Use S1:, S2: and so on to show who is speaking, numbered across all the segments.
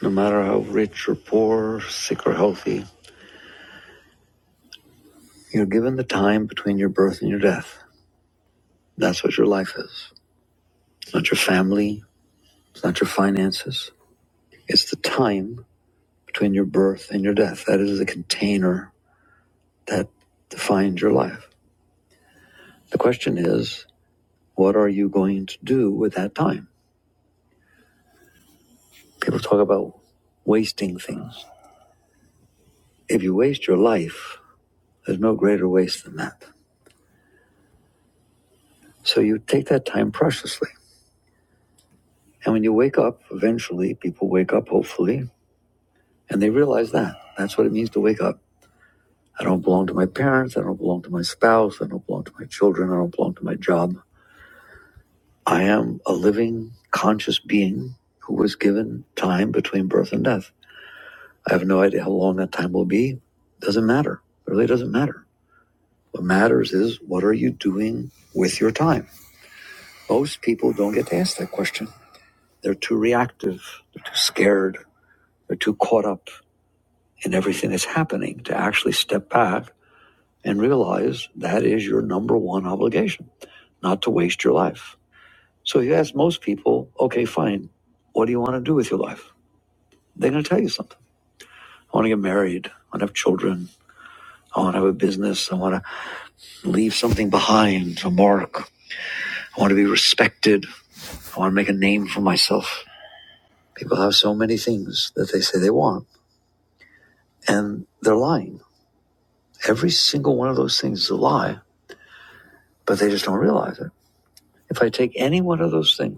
S1: No matter how rich or poor, sick or healthy, you're given the time between your birth and your death. That's what your life is. It's not your family, it's not your finances. It's the time between your birth and your death. That is the container that defines your life. The question is, what are you going to do with that time? People talk about wasting things. If you waste your life, there's no greater waste than that. So you take that time preciously. And when you wake up, eventually people wake up, hopefully, And they realize that. That's what it means to wake up. I don't belong to my parents. I don't belong to my spouse. I don't belong to my children. I don't belong to my job. I am a living, conscious being who was given time between birth and death. I have no idea how long that time will be. Doesn't matter. It really doesn't matter. What matters is what are you doing with your time? Most people don't get to ask that question. They're too reactive. They're too scared. They're too caught up in everything that's happening to actually step back and realize that is your number one obligation, not to waste your life. So you ask most people, okay, fine, what do you want to do with your life? They're going to tell you something. I want to get married. I want to have children. I want to have a business. I want to leave something behind, a mark. I want to be respected. I want to make a name for myself. People have so many things that they say they want, and they're lying. Every single one of those things is a lie, but they just don't realize it. If I take any one of those things,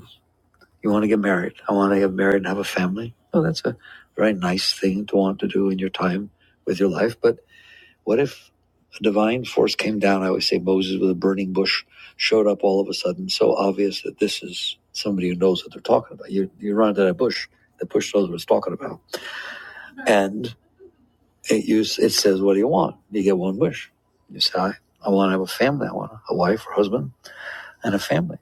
S1: You want to get married. I want to get married and have a family. Oh, that's a very nice thing to want to do in your time with your life. But what if a divine force came down? I always say Moses with a burning bush showed up all of a sudden, so obvious that this is somebody who knows what they're talking about. You you run into that bush. The bush knows what it's talking about, and it you it says, "What do you want?" You get one wish. You say, "I, I want to have a family. I want a wife or husband and a family."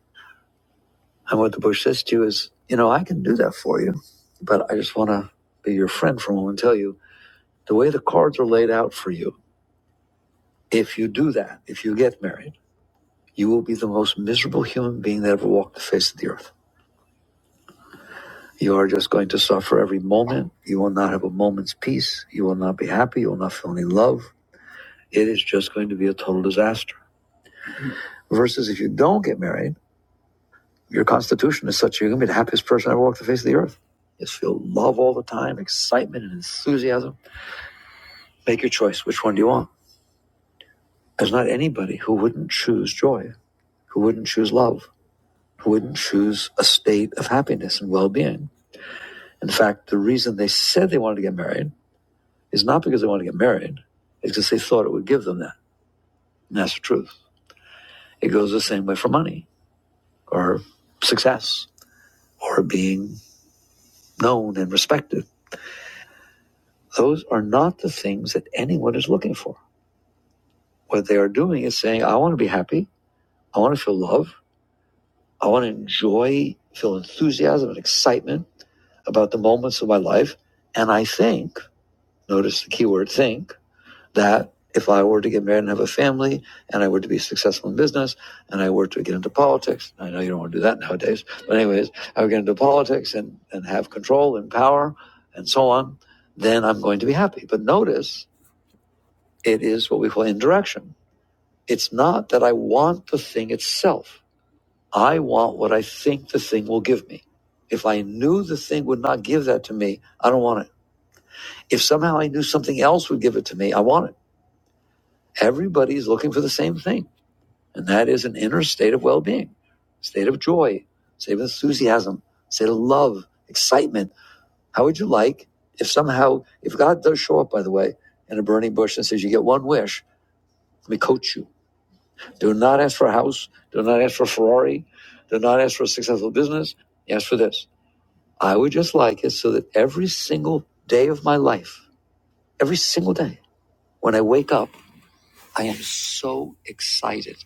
S1: And what the bush says to you is, you know, I can do that for you, but I just want to be your friend for a moment and tell you the way the cards are laid out for you, if you do that, if you get married, you will be the most miserable human being that ever walked the face of the earth. You are just going to suffer every moment. You will not have a moment's peace. You will not be happy. You will not feel any love. It is just going to be a total disaster. Versus if you don't get married, your constitution is such you're going to be the happiest person that ever walked the face of the earth. Just feel love all the time, excitement and enthusiasm Make your choice. Which one do you want? There's not anybody who wouldn't choose joy, who wouldn't choose love, who wouldn't choose a state of happiness and well being. In fact, the reason they said they wanted to get married is not because they wanted to get married, it's because they thought it would give them that. And that's the truth. It goes the same way for money or success or being known and respected. Those are not the things that anyone is looking for. What they are doing is saying, I want to be happy. I want to feel love." I want to enjoy, feel enthusiasm and excitement about the moments of my life. And I think, notice the key word think, that if I were to get married and have a family and I were to be successful in business and I were to get into politics, I know you don't want to do that nowadays, but anyways, I would get into politics and, and have control and power and so on, then I'm going to be happy. But notice it is what we call indirection. It's not that I want the thing itself. I want what I think the thing will give me. If I knew the thing would not give that to me, I don't want it. If somehow I knew something else would give it to me, I want it. Everybody is looking for the same thing, and that is an inner state of well being, state of joy, state of enthusiasm, state of love, excitement. How would you like if somehow, if God does show up, by the way, in a burning bush and says, You get one wish, let me coach you. Do not ask for a house, do not ask for a Ferrari, do not ask for a successful business, ask for this. I would just like it so that every single day of my life, every single day, when I wake up, I am so excited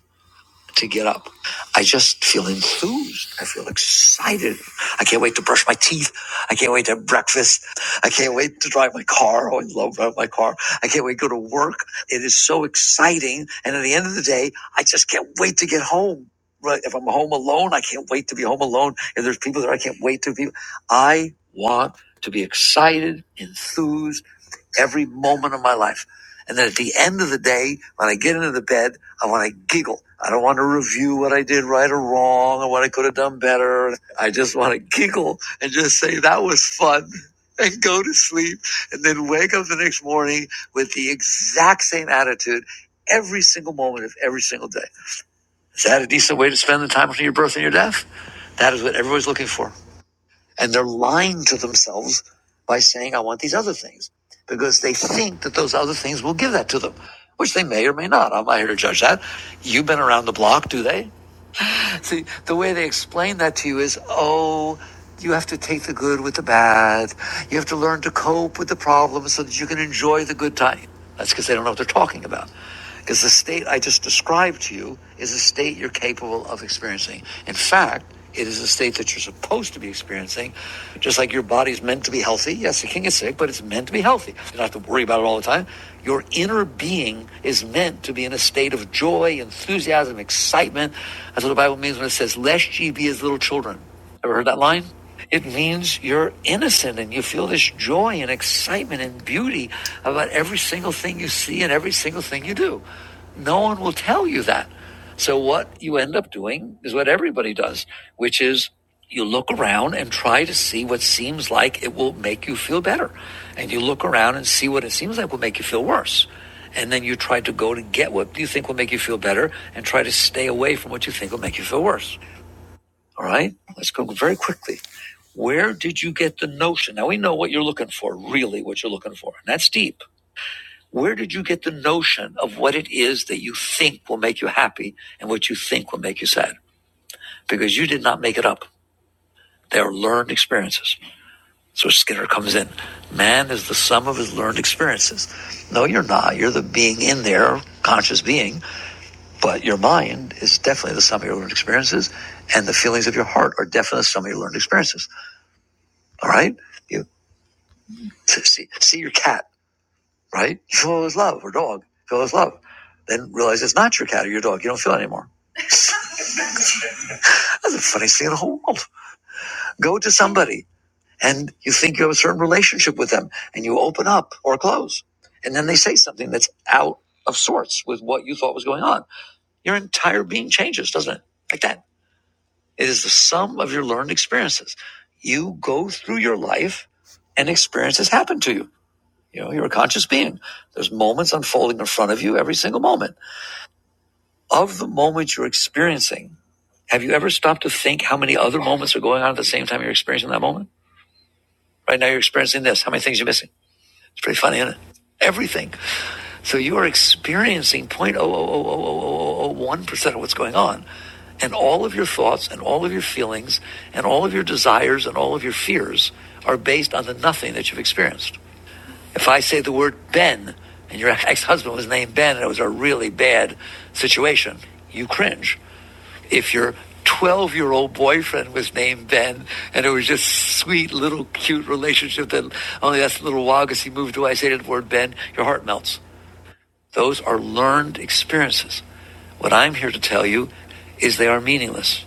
S1: to get up. I just feel enthused. I feel excited. I can't wait to brush my teeth. I can't wait to have breakfast. I can't wait to drive my car. Oh, I love driving my car. I can't wait to go to work. It is so exciting. And at the end of the day, I just can't wait to get home. Right? If I'm home alone, I can't wait to be home alone. If there's people there, I can't wait to be. I want to be excited, enthused every moment of my life. And then at the end of the day, when I get into the bed, I want to giggle. I don't want to review what I did right or wrong or what I could have done better. I just want to giggle and just say that was fun and go to sleep and then wake up the next morning with the exact same attitude every single moment of every single day. Is that a decent way to spend the time between your birth and your death? That is what everybody's looking for. And they're lying to themselves by saying, I want these other things because they think that those other things will give that to them, which they may or may not. I'm not here to judge that. You've been around the block, do they? See, the way they explain that to you is, oh, you have to take the good with the bad. You have to learn to cope with the problems so that you can enjoy the good time. That's because they don't know what they're talking about. Because the state I just described to you is a state you're capable of experiencing. In fact, it is a state that you're supposed to be experiencing, just like your body's meant to be healthy. Yes, it can get sick, but it's meant to be healthy. You don't have to worry about it all the time. Your inner being is meant to be in a state of joy, enthusiasm, excitement. That's what the Bible means when it says, Lest ye be as little children. Ever heard that line? It means you're innocent and you feel this joy and excitement and beauty about every single thing you see and every single thing you do. No one will tell you that. So what you end up doing is what everybody does, which is you look around and try to see what seems like it will make you feel better. And you look around and see what it seems like will make you feel worse. And then you try to go to get what you think will make you feel better and try to stay away from what you think will make you feel worse. All right? Let's go very quickly. Where did you get the notion? Now we know what you're looking for, really what you're looking for. And that's deep. Where did you get the notion of what it is that you think will make you happy and what you think will make you sad? Because you did not make it up. They are learned experiences. So Skinner comes in. Man is the sum of his learned experiences. No, you're not. You're the being in there, conscious being, but your mind is definitely the sum of your learned experiences, and the feelings of your heart are definitely the sum of your learned experiences. All right? You see, see your cat. right? You feel it love or dog. Feel it love. Then realize it's not your cat or your dog. You don't feel it anymore. That's the funniest thing in the whole world. Go to somebody and you think you have a certain relationship with them and you open up or close. And then they say something that's out of sorts with what you thought was going on. Your entire being changes, doesn't it? Like that. It is the sum of your learned experiences. You go through your life and experiences happen to you. You know, you're a conscious being. There's moments unfolding in front of you every single moment. of the moment you're experiencing, have you ever stopped to think how many other moments are going on at the same time you're experiencing that moment? Right now, you're experiencing this. How many things are you missing? It's pretty funny, isn't it? Everything. So you are experiencing 0.0000001% of what's going on. And all of your thoughts and all of your feelings and all of your desires and all of your fears are based on the nothing that you've experienced. If I say the word Ben and your ex husband was named Ben and it was a really bad situation, you cringe If your 12 year old boyfriend was named Ben, and it was just sweet little cute relationship that only that's a little while because he moved away, I say the word Ben, your heart melts. Those are learned experiences. What I'm here to tell you is they are meaningless.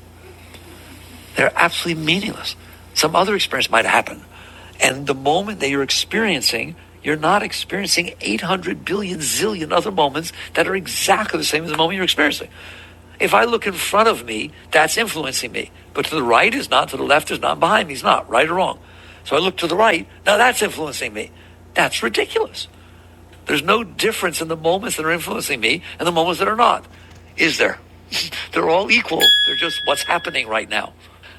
S1: They're absolutely meaningless. Some other experience might happen. And the moment that you're experiencing, you're not experiencing 800 billion zillion other moments that are exactly the same as the moment you're experiencing. If I look in front of me, that's influencing me. But to the right is not, to the left is not, behind me is not, right or wrong. So I look to the right, now that's influencing me. That's ridiculous. There's no difference in the moments that are influencing me and the moments that are not, is there? They're all equal. They're just what's happening right now.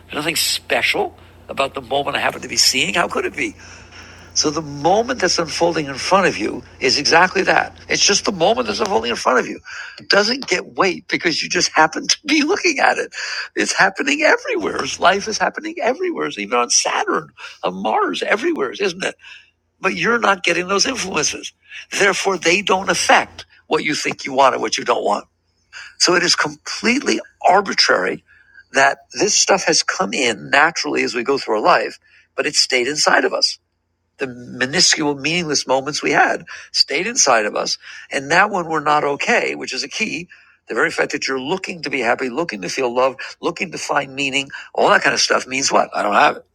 S1: There's nothing special about the moment I happen to be seeing. How could it be? So the moment that's unfolding in front of you is exactly that. It's just the moment that's unfolding in front of you. It doesn't get weight because you just happen to be looking at it. It's happening everywhere. Life is happening everywhere. It's even on Saturn, on Mars, everywhere, isn't it? But you're not getting those influences. Therefore, they don't affect what you think you want and what you don't want. So it is completely arbitrary that this stuff has come in naturally as we go through our life, but it stayed inside of us the minuscule, meaningless moments we had stayed inside of us. And now, when we're not okay, which is a key, the very fact that you're looking to be happy, looking to feel love, looking to find meaning, all that kind of stuff means what? I don't have it.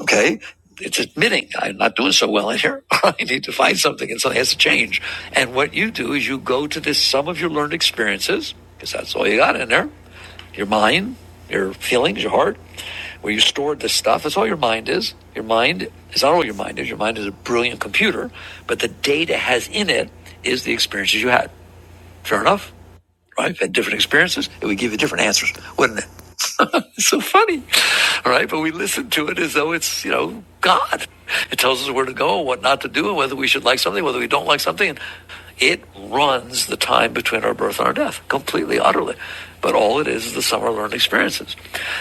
S1: Okay. It's admitting I'm not doing so well in here. I need to find something, and something has to change. And what you do is you go to this sum of your learned experiences, because that's all you got in there your mind, your feelings, your heart where you stored this stuff. That's all your mind is. Your mind is not all your mind is. Your mind is a brilliant computer, but the data has in it is the experiences you had. Fair enough, right? If you had different experiences, it would give you different answers, wouldn't it? it's so funny, all right? But we listen to it as though it's you know God. It tells us where to go, what not to do, and whether we should like something, whether we don't like something. And it runs the time between our birth and our death completely, utterly. But all it is is the sum of our learned experiences.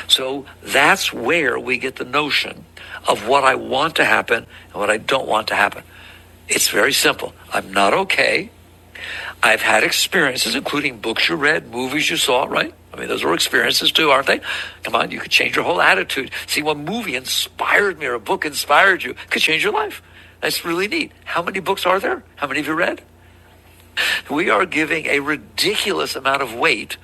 S1: So that's where we get the notion of what I want to happen and what I don't want to happen. It's very simple. I'm not okay. I've had experiences, including books you read, movies you saw, right? I mean, those were experiences too, aren't they? Come on, you could change your whole attitude. See, one movie inspired me or a book inspired you It could change your life. That's really neat. How many books are there? How many have you read? We are giving a ridiculous amount of weight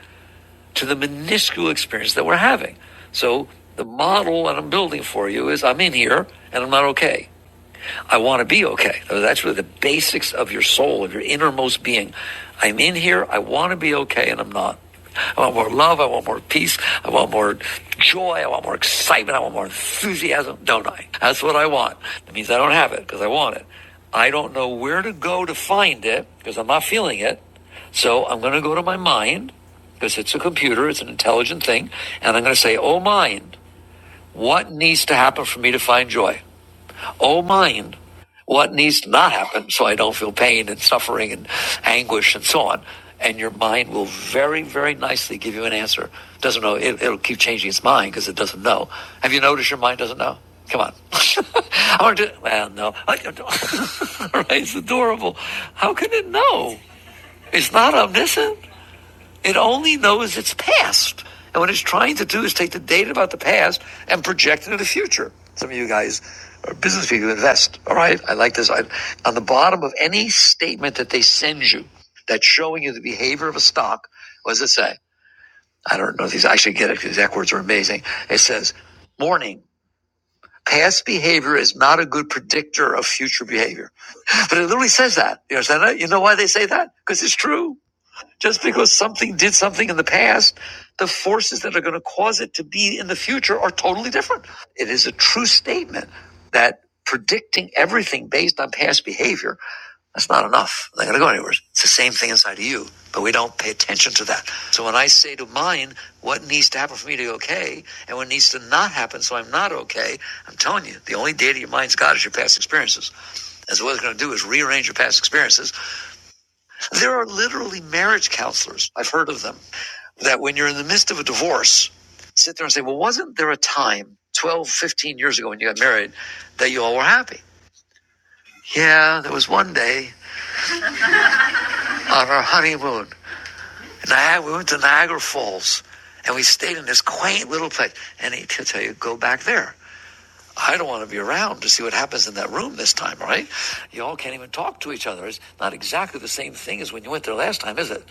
S1: to the minuscule experience that we're having. So the model that I'm building for you is I'm in here and I'm not okay. I want to be okay. That's really the basics of your soul, of your innermost being. I'm in here. I want to be okay and I'm not. I want more love. I want more peace. I want more joy. I want more excitement. I want more enthusiasm, don't I? That's what I want. That means I don't have it because I want it. I don't know where to go to find it because I'm not feeling it. So I'm going to go to my mind because it's a computer, it's an intelligent thing, and I'm going to say, oh mind, what needs to happen for me to find joy? Oh mind, what needs to not happen so I don't feel pain and suffering and anguish and so on? And your mind will very, very nicely give you an answer. Doesn't know, it, it'll keep changing its mind because it doesn't know. Have you noticed your mind doesn't know? Come on. I want to. do, Well, no. right? It's adorable. How can it know? It's not omniscient. It only knows its past. And what it's trying to do is take the data about the past and project it into the future. Some of you guys are business people invest. All right. I like this. I, on the bottom of any statement that they send you that's showing you the behavior of a stock, what does it say? I don't know if these I should get it because these exact words are amazing. It says, warning, past behavior is not a good predictor of future behavior. But it literally says that. You understand that? You know why they say that? Because it's true. Just because something did something in the past, the forces that are going to cause it to be in the future are totally different. It is a true statement that predicting everything based on past behavior, that's not enough. They're going to go anywhere. It's the same thing inside of you, but we don't pay attention to that. So when I say to mine, what needs to happen for me to be okay and what needs to not happen so I'm not okay, I'm telling you, the only data your mind's got is your past experiences. And so what it's going to do is rearrange your past experiences there are literally marriage counselors. I've heard of them that when you're in the midst of a divorce, sit there and say, well, wasn't there a time 12, 15 years ago when you got married that you all were happy? Yeah, there was one day on our honeymoon. and we went to Niagara Falls and we stayed in this quaint little place. And he'll tell you, go back there. I don't want to be around to see what happens in that room this time, right? You all can't even talk to each other. It's not exactly the same thing as when you went there last time, is it?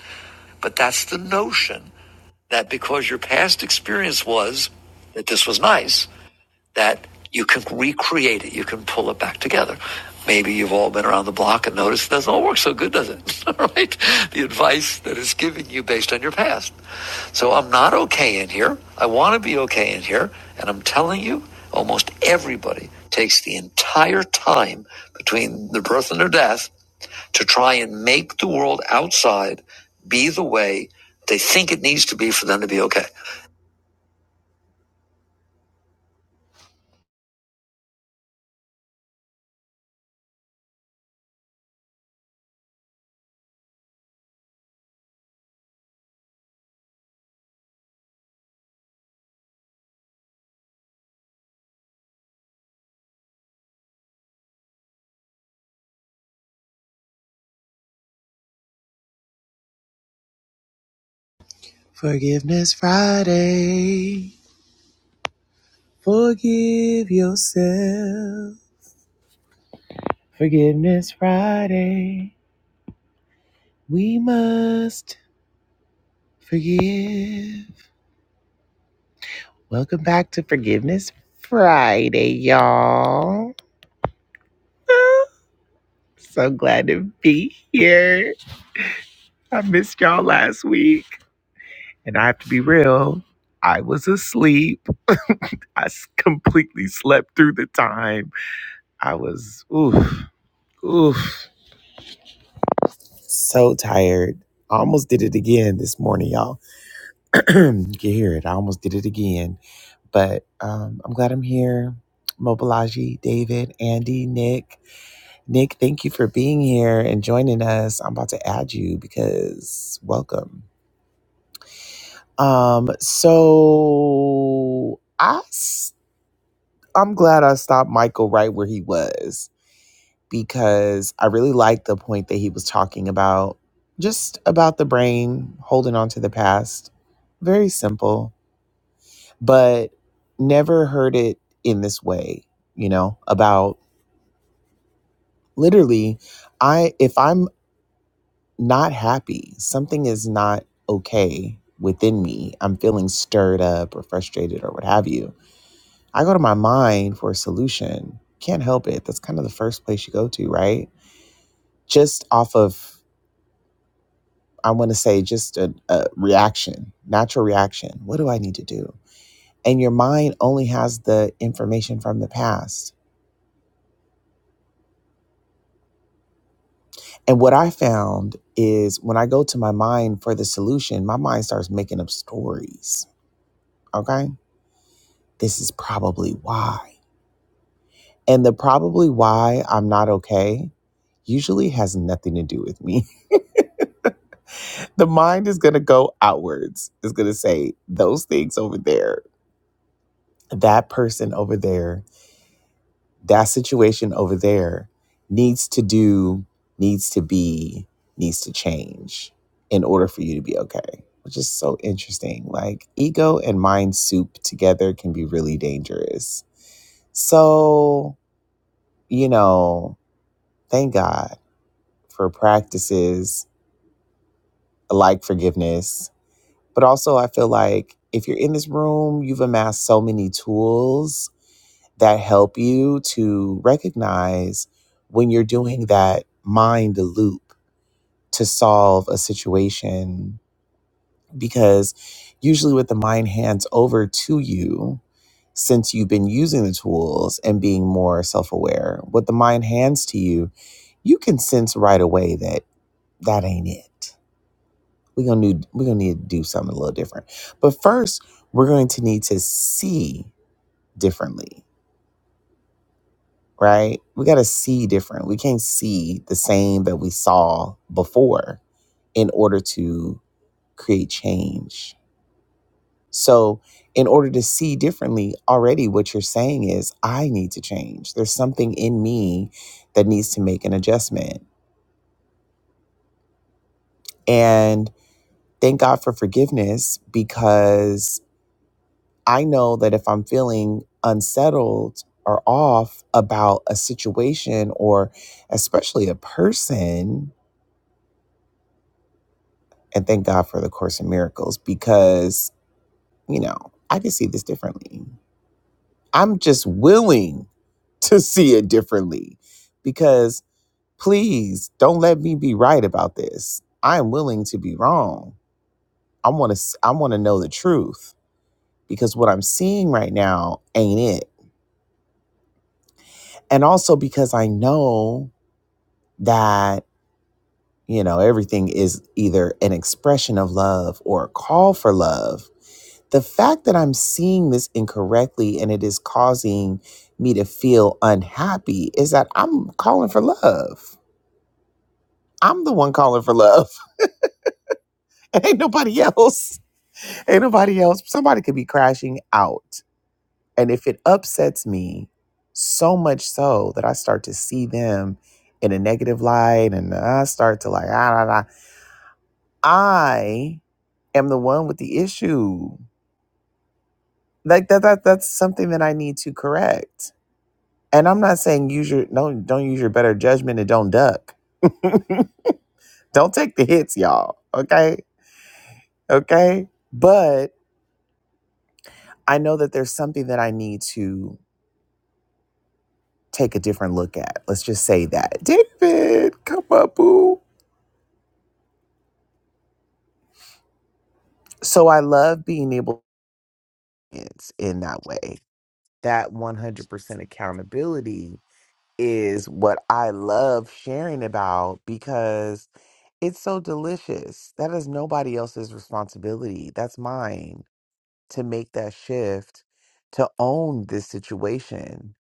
S1: But that's the notion that because your past experience was that this was nice, that you can recreate it. You can pull it back together. Maybe you've all been around the block and noticed it doesn't all work so good, does it? All right? The advice that is given you based on your past. So I'm not okay in here. I want to be okay in here. And I'm telling you, almost everybody takes the entire time between their birth and their death to try and make the world outside be the way they think it needs to be for them to be okay. Forgiveness Friday. Forgive yourself. Forgiveness Friday. We must forgive. Welcome back to Forgiveness Friday, y'all. so glad to be here. I missed y'all last week. And I have to be real, I was asleep. I s- completely slept through the time. I was, oof, oof, so tired. I almost did it again this morning, y'all. you can hear it. I almost did it again. But um, I'm glad I'm here. Mobilaji, David, Andy, Nick. Nick, thank you for being here and joining us. I'm about to add you because welcome. Um, so I s- I'm glad I stopped Michael right where he was because I really liked the point that he was talking about, just about the brain holding on to the past. Very simple but never heard it in this way, you know, about literally I if I'm not happy, something is not okay within me. I'm feeling stirred up or frustrated or what have you. I go to my mind for a solution. Can't help it. That's kind of the first place you go to, right? Just off of I want to say just a, a reaction, natural reaction. What do I need to do? And your mind only has the information from the past. And what I found is when I go to my mind for the solution, my mind starts making up stories. Okay. This is probably why. And the probably why I'm not okay usually has nothing to do with me. the mind is going to go outwards, it's going to say those things over there, that person over there. that situation over there needs to do, needs to be, needs to change in order for you to be okay, which is so interesting. Like ego and mind soup together can be really dangerous. So, you know, thank God for practices like forgiveness. But also, I feel like if you're in this room, you've amassed so many tools that help you to recognize when you're doing that mind loop to solve a situation. Because usually, what the mind hands over to you, since you've been using the tools and being more self aware, what the mind hands to you, you can sense right away that that ain't it. We're gonna need we're gonna need to do something a little different. But first, we're going to need to see differently right? We got to see different. We can't see the same that we saw before in order to create change. So, in order to see differently, already what you're saying is, I need to change. There's something in me that needs to make an adjustment. And thank God for forgiveness because I know that if I'm feeling unsettled or off about a situation or especially a person, and thank God for the Course in Miracles because, you know, I can see this differently. I'm just willing to see it differently because please don't let me be right about this. I am willing to be wrong. I want to I want to know the truth because what I'm seeing right now ain't it. And also because I know that, you know, everything is either an expression of love or a call for love the fact that I'm seeing this incorrectly and it is causing me to feel unhappy is that I'm calling for love. I'm the one calling for love. Ain't nobody else. Ain't nobody else. Somebody could be crashing out. And if it upsets me so much so that I start to see them in a negative light and I start to like, ah, ah, ah, I am the one with the issue. Like that, that that's something that I need to correct And I'm not saying use your don't don't use your better judgment and don't duck. don't take the hits, y'all. Okay? Okay? But I know that there's something that I need to take a different look at. Let's just say that. David, come up, boo. So I love being able to in that way. That 100% accountability is what I love sharing about because it's so delicious. That is nobody else's responsibility. That's mine. to make that shift, to own this situation,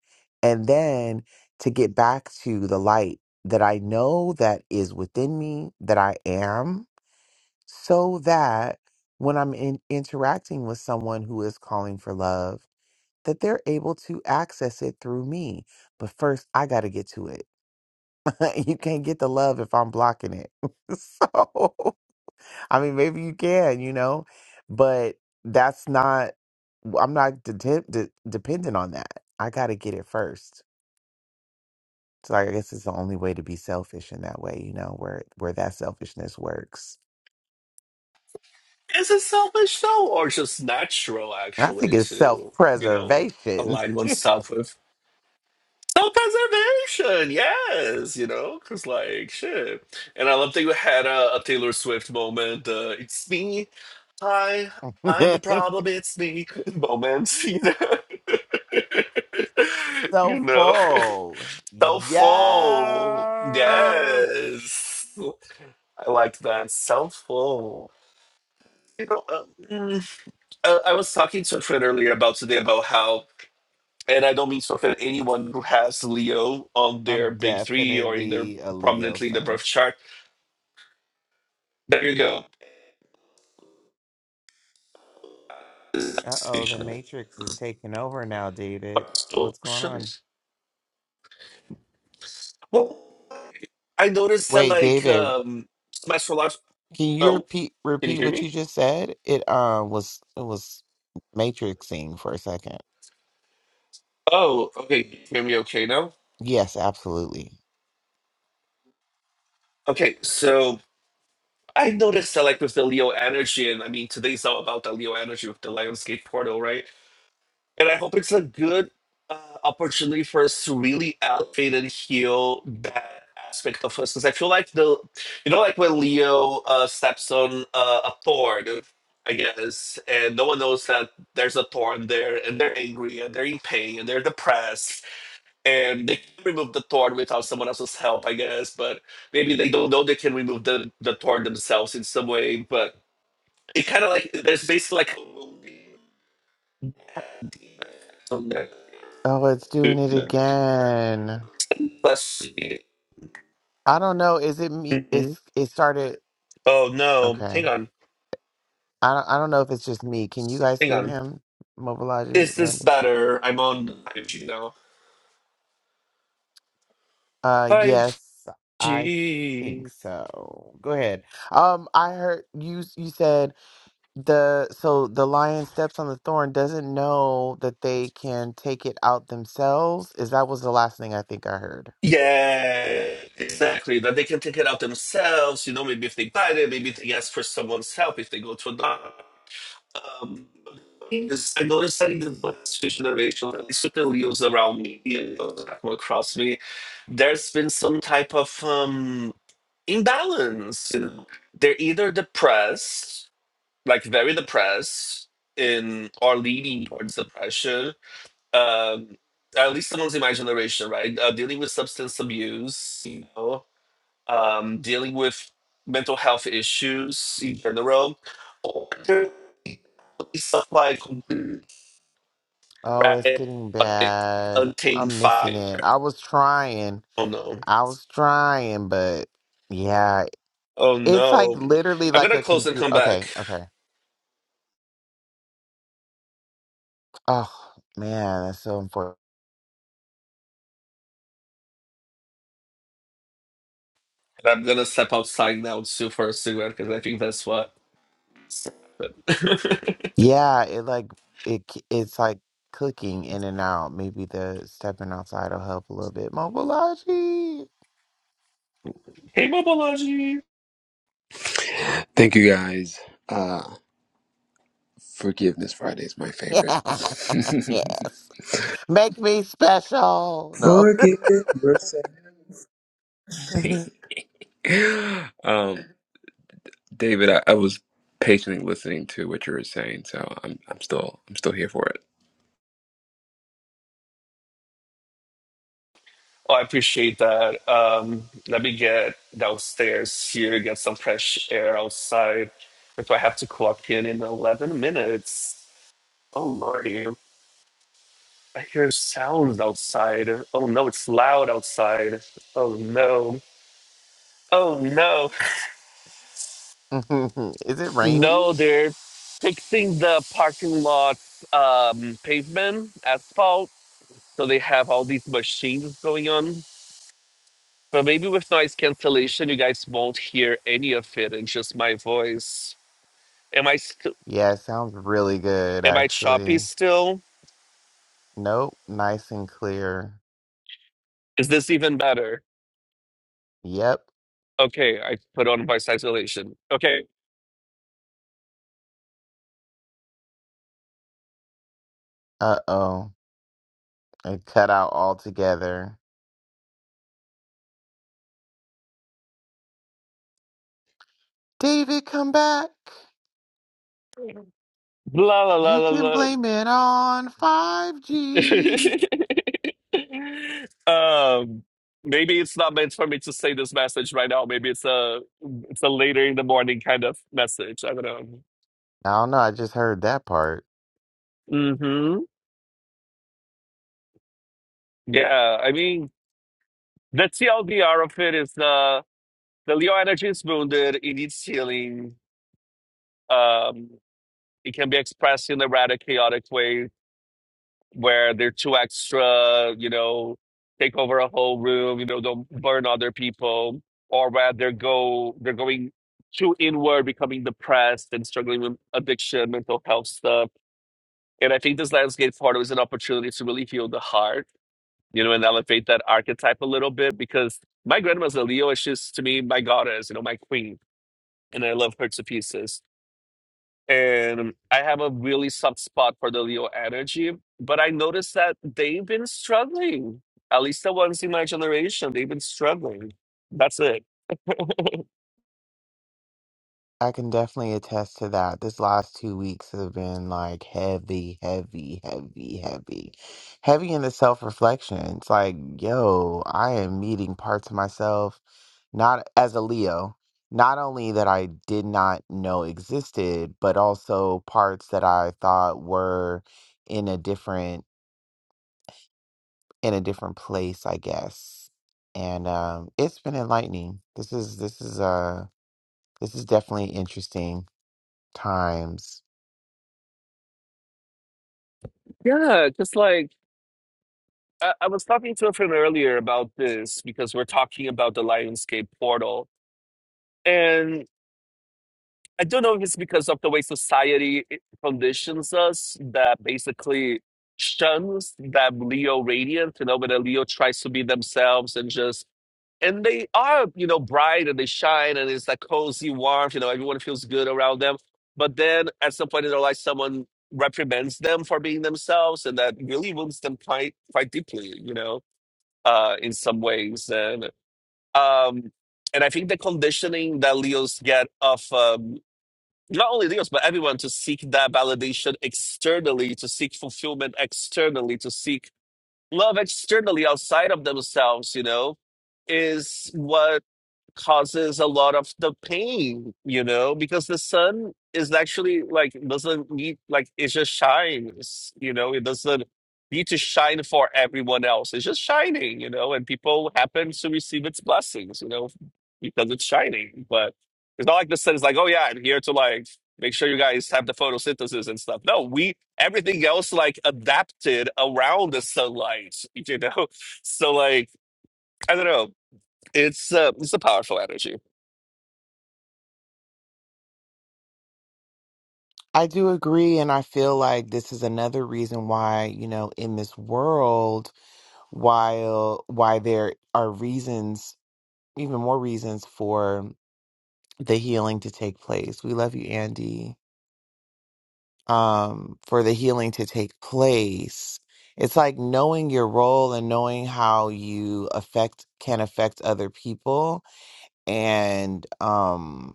S1: and then to get back to the light that I know that is within me, that I am, so that when I'm in, interacting with someone who is calling for love, that they're able to access it through me. But first, I got to get to it. you can't get the love if I'm blocking it. so. I mean, maybe you can, you know, but that's not, I'm not de- de- de- dependent on that. I got to get it first. So I guess it's the only way to be selfish in that way, you know, where where that selfishness works.
S2: Is it selfish though, or just natural
S1: I
S2: actually
S1: think it's
S2: to you know
S1: self-preservation.
S2: align oneself with self preservation? Yes, you know, because like shit. And I love that you had a, a Taylor Swift moment. Uh, it's me. Hi, I'm the problem. It's me. Moment. You know. you
S1: so
S2: know.
S1: full.
S2: So full.
S1: Yes.
S2: Yes. I like that. So full. You know. um, uh, I was talking to a friend earlier about today about how, and I don't mean to offend anyone who has Leo on
S1: I'm
S2: their big three or in their
S1: definitely a Leo
S2: prominently in the
S1: son.
S2: birth chart. There you go. That's
S1: Uh-oh, the
S2: fusion.
S1: Matrix is taking over now, David. What's going on?
S2: Socialist. Well, I noticed that
S1: Wait,
S2: like
S1: David,
S2: um my astrological.
S1: Can you
S2: Oh,
S1: repeat
S2: can you
S1: repeat
S2: hear
S1: what you
S2: me?
S1: just said? It um was it was matrixing for a second.
S2: Oh, okay. Can you hear me okay now?
S1: Yes, absolutely.
S2: Okay, so I noticed that like with the Leo energy, and I mean today's all about the Leo energy with the Lionsgate portal, right? And I hope it's a good uh, opportunity for us to really elevate and heal that aspect of us. Because I feel like the, you know, like when Leo uh, steps on uh, a thorn, I guess, and no one knows that there's a thorn there, and they're angry, and they're in pain, and they're depressed, and they can remove the thorn without someone else's help, I guess. But maybe they don't know they can remove the, the thorn themselves in some way. But it kind of like, there's basically like a wound on there.
S1: Oh, it's doing
S2: You
S1: it
S2: know?
S1: again.
S2: Let's see.
S1: I don't know. Is it me?
S2: Mm-mm.
S1: It's it started.
S2: Oh no!
S1: Okay.
S2: Hang on,
S1: I don't, I don't know if it's just me. Can you guys
S2: hang
S1: hear
S2: on.
S1: him,
S2: Is
S1: Mobilogy? And
S2: this better? I'm on 5G now.
S1: uh, yes, I
S2: 5G.
S1: think so. Go ahead. Um, I heard you. You said the so the lion steps on the thorn doesn't know that they can take it out themselves is that was the last thing i think i heard
S2: Yeah, exactly. That they can take it out themselves. You know, maybe if they buy it, maybe they ask for someone's help if they go to another. Um, because I noticed that in the last few generations, at least with the Leos around me and those that come across me, there's been some type of um imbalance. You know, they're either depressed like very depressed in or leaning towards depression. Um, at least the ones in my generation, right? Uh, dealing with substance abuse, you know, um, dealing with mental health issues in general, or there could be stuff like
S1: oh it's
S2: right,
S1: getting bad
S2: untamed
S1: i'm
S2: fire.
S1: missing it i was trying
S2: Oh no.
S1: i was trying but yeah
S2: Oh
S1: it's like
S2: no.
S1: literally
S2: I'm
S1: like
S2: gonna
S1: a
S2: close and
S1: computer
S2: come back.
S1: okay okay oh man that's so important
S2: And I'm gonna step outside now too for a cigarette because I think that's what. hey,
S1: yeah it like it c- it's like clicking in and out maybe the stepping outside will help a little bit mobilaji
S2: Mobology!
S3: Thank you guys. Uh, Forgiveness Friday is my favorite.
S1: Yes. Make me special. No.
S3: Forgive yourself. um, David, I, I was patiently listening to what you were saying, so I'm I'm still I'm still here for it.
S2: Oh, I appreciate that. Um, let me get downstairs here, get some fresh air outside. If I have to clock in in 11 minutes. Oh, Lordy. I hear sounds outside. Oh, no, it's loud outside. Oh, no. Oh, no.
S1: Is it raining?
S2: No, they're fixing the parking lot um, pavement, asphalt. So they have all these machines going on. But maybe with noise cancellation, you guys won't hear any of it. It's just my voice. Am I st-
S1: Yeah, it sounds really good,
S2: am I choppy
S1: actually.
S2: still?
S1: Nope, nice and clear.
S2: Is this even better?
S1: Yep.
S2: Okay, I put on voice isolation. Okay,
S1: Uh oh. It cut out altogether. David, come back.
S2: blah la la
S1: You
S2: la
S1: can
S2: la.
S1: blame it on 5G.
S2: um, maybe it's not meant for me to say this message right now. Maybe it's a it's a later in the morning kind of message. I don't know.
S1: I don't know. I just heard that part.
S2: Mm-hmm. Yeah, I mean the TLDR of it is uh, The Leo energy is wounded, it needs healing. Um, it can be expressed in a rather chaotic way where they're too extra, you know, take over a whole room, you know, don't burn other people, or where they're go they're going too inward, becoming depressed and struggling with addiction, mental health stuff. And I think this landscape photo is an opportunity to really heal the heart, you know, and elevate that archetype a little bit because my grandma's a Leo, and she's to me my goddess, you know, my queen. And I love her to pieces. and I have a really soft spot for the Leo energy. But I noticed that they've been struggling. At least the ones in my generation, they've been struggling. That's it.
S1: I can definitely attest to that. This last two weeks have been like heavy, heavy, heavy, heavy. Heavy in the self reflection. It's like, yo, I am meeting parts of myself, not as a Leo, not only that I did not know existed, but also parts that I thought were in a different in a different place, I guess. And um it's been enlightening. This is this is uh this is definitely interesting times.
S2: Yeah, just like I, I was talking to a friend earlier about this because we're talking about the Lionsgate portal. I don't know if it's because of the way society eh, conditions us that basically shuns that Leo radiant, you know, when a Leo tries to be themselves and just and they are, you know, bright and they shine and it's that cozy warmth, you know, everyone feels good around them. But then at some point in their life someone reprimands them for being themselves and that really wounds them quite quite deeply, you know, uh in some ways. And um and I think the conditioning that Leos get of um, not only Leos, but everyone to seek that validation externally, to seek fulfillment externally, to seek love externally outside of themselves, you know, is what causes a lot of the pain, you know, because the sun is actually like doesn't need like it just shines, you know, it doesn't need to shine for everyone else. It's just shining, you know, and people happen to receive its blessings, you know, because it's shining. But it's not like the sun is like, oh yeah, I'm here to like make sure you guys have the photosynthesis and stuff. No, we everything else like adapted around the sunlight, you know. So like I don't know. It's uh, it's a powerful energy.
S1: I do agree, and I feel like this is another reason why, you know, in this world, while why there are reasons, even more reasons for the healing to take place. We love you, Andy. Um, for the healing to take place. It's like knowing your role and knowing how you affect can affect other people. And um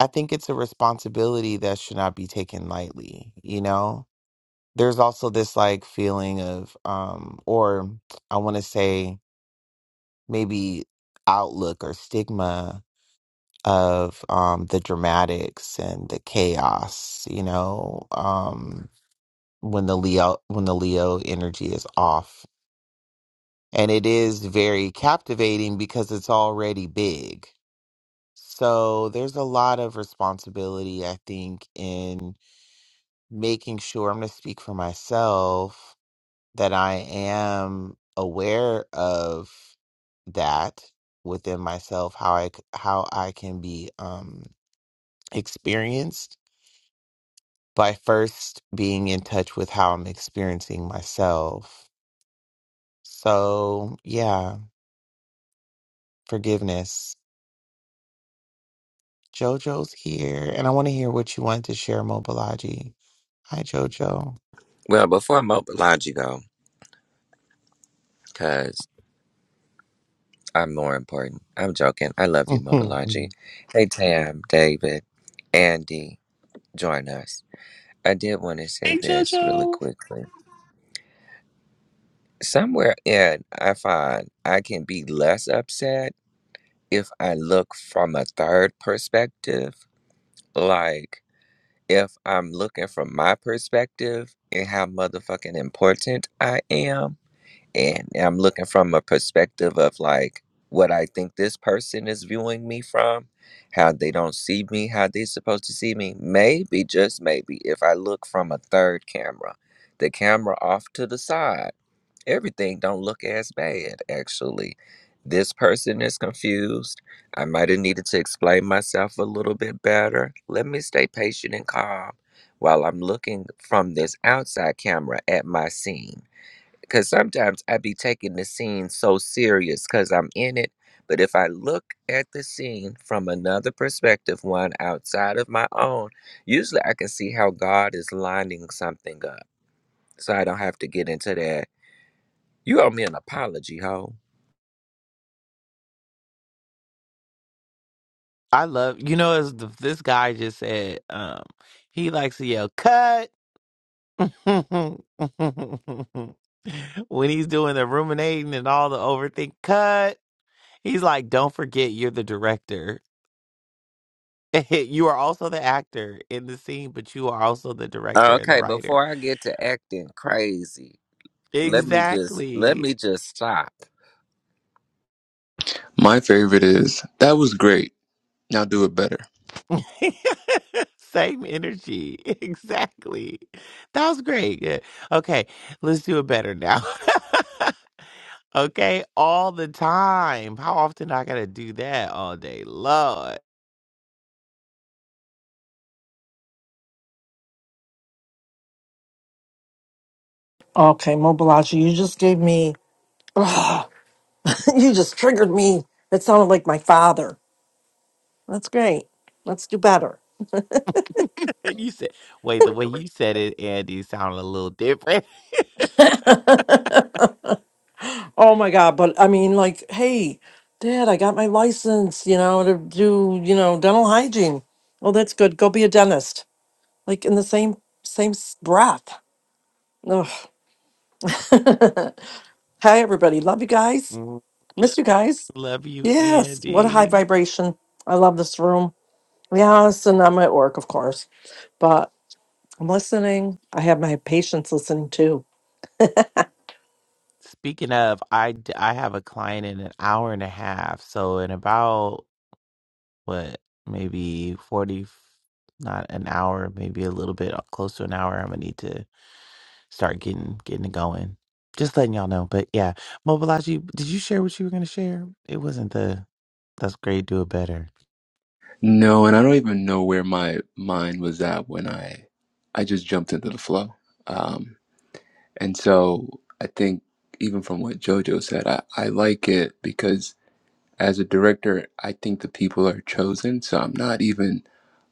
S1: I think it's a responsibility that should not be taken lightly, you know? there's also this like feeling of um or i want to say maybe outlook or stigma of um the dramatics and the chaos you know um when the leo when the leo energy is off and it is very captivating because it's already big so there's a lot of responsibility i think in making sure i'm going to speak for myself that I am aware of that within myself, how I c- how I can be um, experienced by first being in touch with how I'm experiencing myself. So yeah, forgiveness. Jojo's here, and I want to hear what you want to share, Mobalaji. Hi, Jojo.
S4: Well, before Mobilogy go, because I'm more important. I'm joking. I love you, Mobilogy. Hey, Tam, David, Andy, join us. I did want to say
S2: Hey,
S4: this really
S2: Jojo.
S4: quickly. Somewhere in, I find I can be less upset if I look from a third perspective. Like, if I'm looking from my perspective and how motherfucking important I am and I'm looking from a perspective of like what I think this person is viewing me from, how they don't see me, how they're supposed to see me. Maybe, just maybe, if I look from a third camera, the camera off to the side, everything don't look as bad actually. This person is confused. I might have needed to explain myself a little bit better. Let me stay patient and calm while I'm looking from this outside camera at my scene because sometimes I be taking the scene so serious because I'm in it. But if I look at the scene from another perspective, one outside of my own, usually I can see how God is lining something up. So I don't have to get into that. You owe me an apology, ho.
S1: I love you know as the, this guy just said. Um, he likes to yell "cut." when he's doing the ruminating and all the overthink cut, he's like, Don't forget you're the director. you are also the actor in the scene, but you are also the director and the
S4: Okay,
S1: writer.
S4: before I get to acting crazy, let me just let
S1: Exactly.
S4: me just stop.
S3: My favorite is that was great. Now do it better.
S1: Same energy. Exactly. That was great. Yeah. Okay, let's do it better now. okay, all the time. How often I gotta do that all day? Lord.
S5: Okay, Mobilaji, you just gave me, ugh, you just triggered me. That sounded like my father. That's great. Let's do better.
S1: And you said, wait, the way you said it, Andy, sounded a little different.
S5: oh my God. But I mean, like, hey, Dad, I got my license, you know, to do, you know, dental hygiene. Oh, that's good. Go be a dentist. Like in the same, same s- breath. Ugh. Hi, everybody. Love you guys.
S1: Mm,
S5: Miss you guys.
S1: Love you,
S5: Yes. What a high
S1: Andy.
S5: vibration. I love this room. Yes, and I'm at work, of course, but I'm listening. I have my patients listening too.
S1: Speaking of, I, d- I have a client in an hour and a half. So in about what maybe 40 not an hour maybe a little bit uh, close to an hour i'm gonna need to start getting getting it going just letting y'all know but yeah Mobilaji, did you share what you were gonna share it wasn't the that's great do it better
S3: No, and I don't even know where my mind was at when I I just jumped into the flow. Um, and so I think even from what JoJo said, I, I like it because as a director, I think the people are chosen, so I'm not even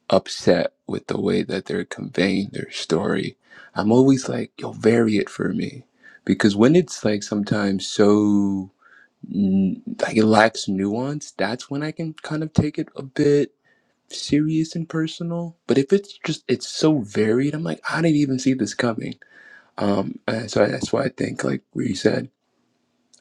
S3: upset with the way that they're conveying their story. I'm always like, yo, vary it for me. Because when it's like sometimes so, mm, like it lacks nuance, that's when I can kind of take it a bit serious and personal. But if it's just, it's so varied, I'm like, I didn't even see this coming. Um, and so that's why I think, like where you said,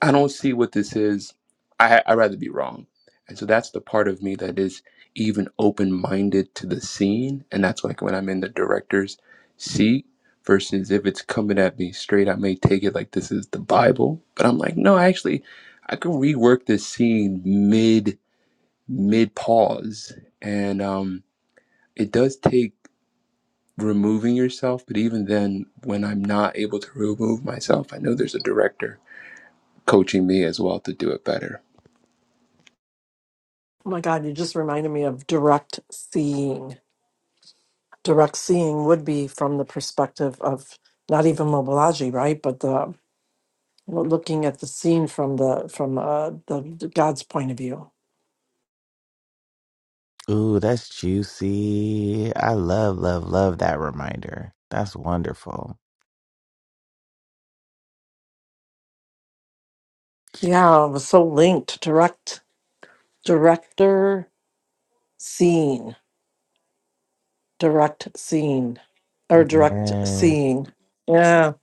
S3: I don't see what this is. I I rather be wrong. And so that's the part of me that is even open minded to the scene. And that's like when I'm in the director's seat versus if it's coming at me straight, I may take it like this is the Bible. But I'm like, no, actually I could rework this scene mid mid pause. And um it does take removing yourself, but even then when I'm not able to remove myself, I know there's a director coaching me as well to do it better.
S5: Oh my God, you just reminded me of direct seeing. Direct seeing would be from the perspective of not even Mobilaji, right? But the looking at the scene from the from uh, the, the God's point of view.
S1: ooh that's juicy i love love love that reminder that's wonderful
S5: Yeah, it was so linked. Direct director seeing, direct seeing, or direct
S1: Yes.
S5: seeing. Yeah,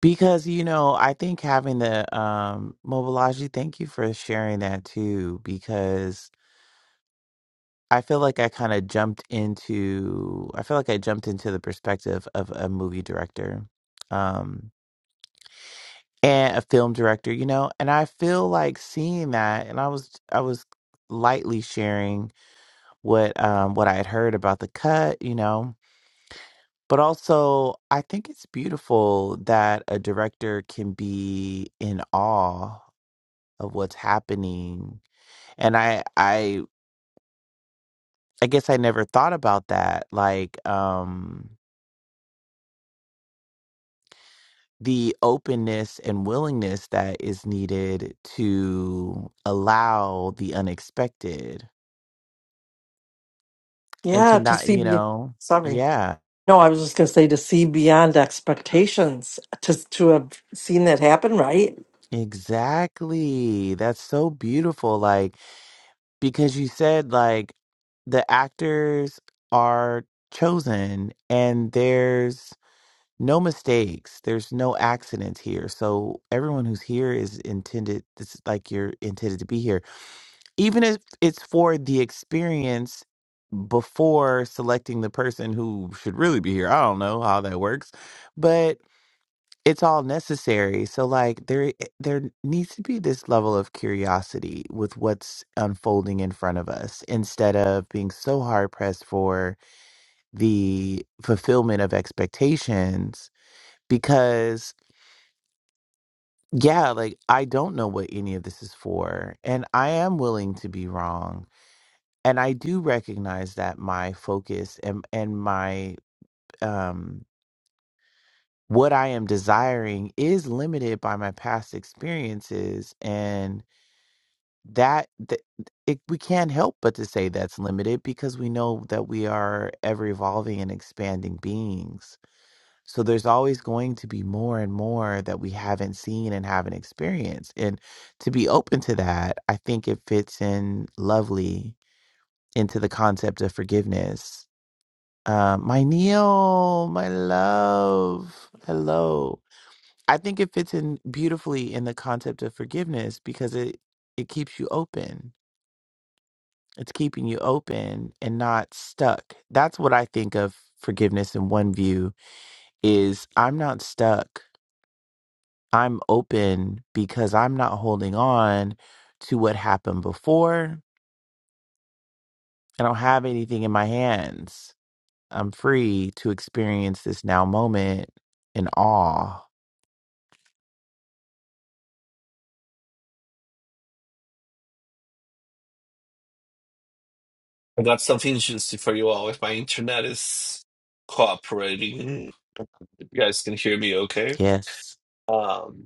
S1: Because, you know, I think having the um Mobilaji, thank you for sharing that too, because I feel like I kind of jumped into I feel like I jumped into the perspective of a movie director um and a film director, you know, and I feel like seeing that and I was I was lightly sharing what um what I had heard about the cut, you know. But also I think it's beautiful that a director can be in awe of what's happening. And I I I guess I never thought about that like um the openness and willingness that is needed to allow the unexpected and to
S5: yeah, to
S1: not, you
S5: see.
S1: know,
S5: Sorry.
S1: yeah,
S5: No, I was just going to say to see beyond expectations, to to have seen that happen, right?
S1: exactly. That's so beautiful. Like, because you said, like, the actors are chosen and there's no mistakes, there's no accidents here. So, everyone who's here is intended, this is like you're intended to be here even if it's for the experience before selecting the person who should really be here. I don't know how that works, but it's all necessary. So like there eh, there needs to be this level of curiosity with what's unfolding in front of us instead of being so hard pressed for the fulfillment of expectations because yeah, like I don't know what any of this is for and I am willing to be wrong and I do recognize that my focus and and my um what I am desiring is limited by my past experiences and that th- it, we can't help but to say that's limited because we know that we are ever evolving and expanding beings. So there's always going to be more and more that we haven't seen and haven't experienced. And to be open to that, I think it fits in lovely into the concept of forgiveness Uh, my Neil, my love, hello. I think it fits in beautifully in the concept of forgiveness because it it keeps you open. It's keeping you open and not stuck. That's what I think of forgiveness in one view is I'm not stuck. I'm open because I'm not holding on to what happened before. I don't have anything in my hands. I'm free to experience this now moment in awe
S2: I got some contingency for you all. If my internet is cooperating, if you guys can hear me okay.
S1: Yes.
S2: Um,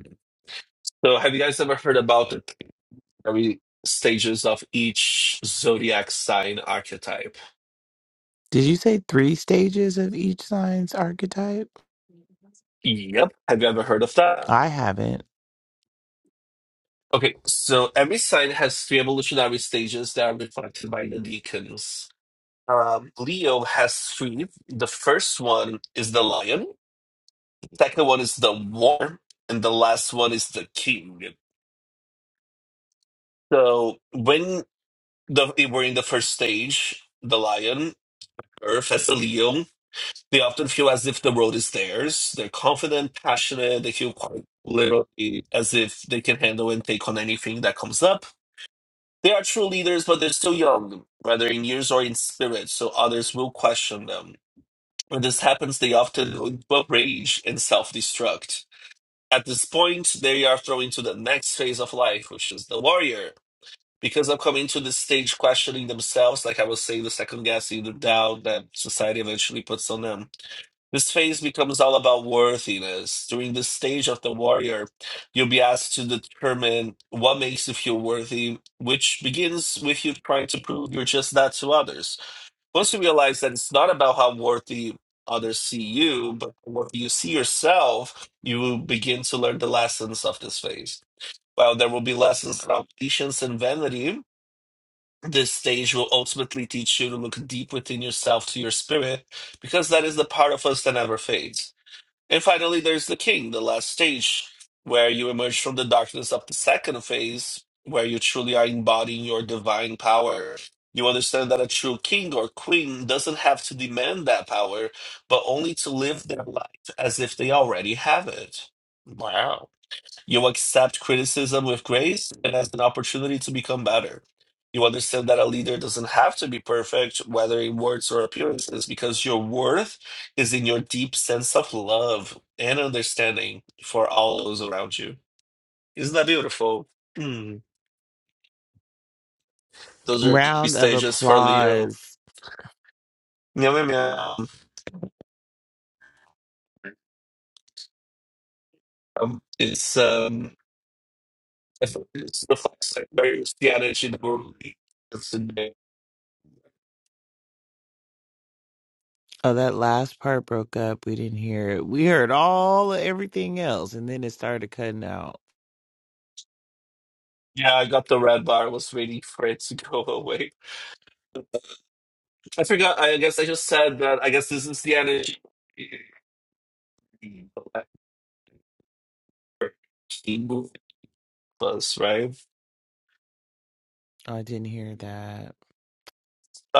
S2: so, have you guys ever heard about the three stages of each zodiac sign archetype?
S1: Did you say three stages of each sign's archetype?
S2: Yep. Have you ever heard of that?
S1: I haven't.
S2: Okay, so every sign has three evolutionary stages that are reflected by the deacons. Um, Leo has three. The first one is the lion. Second one is the war, and the last one is the king. So when the, they were in the first stage, the lion, Earth as a Leo, they often feel as if the world is theirs. They're confident, passionate. They feel quite literally as if they can handle and take on anything that comes up. They are true leaders, but they're still young, whether in years or in spirit, so others will question them. When this happens, they often go rage and self destruct. At this point, they are thrown into the next phase of life, which is the warrior. Because they're coming to this stage questioning themselves, like I was saying, the second guessing, the doubt that society eventually puts on them. This phase becomes all about worthiness. During this stage of the warrior, you'll be asked to determine what makes you feel worthy, which begins with you trying to prove you're just that to others. Once you realize that it's not about how worthy others see you, but what you see yourself, you will begin to learn the lessons of this phase. While there will be lessons about patience and vanity, this stage will ultimately teach you to look deep within yourself to your spirit, because that is the part of us that never fades. And finally, there's the king, the last stage, where you emerge from the darkness of the second phase, where you truly are embodying your divine power. You understand that a true king or queen doesn't have to demand that power, but only to live their life as if they already have it. Wow. You accept criticism with grace and as an opportunity to become better. You understand that a leader doesn't have to be perfect, whether in words or appearances, because your worth is in your deep sense of love and understanding for all those around you. Isn't that beautiful? Mm. Those are the three
S1: Round of
S2: stages for Leo.
S1: applause.
S2: Meow, meow, meow. Um, it's um, it's it's the flashlight. There's the energy. that we're- It's in there.
S1: Oh, that last part broke up. We didn't hear it. We heard all of everything else, and then it started cutting out.
S2: Yeah, I got the red bar. I was waiting for it to go away. I forgot. I guess I just said that. I guess this is the energy movie plus, right?
S1: I didn't hear that.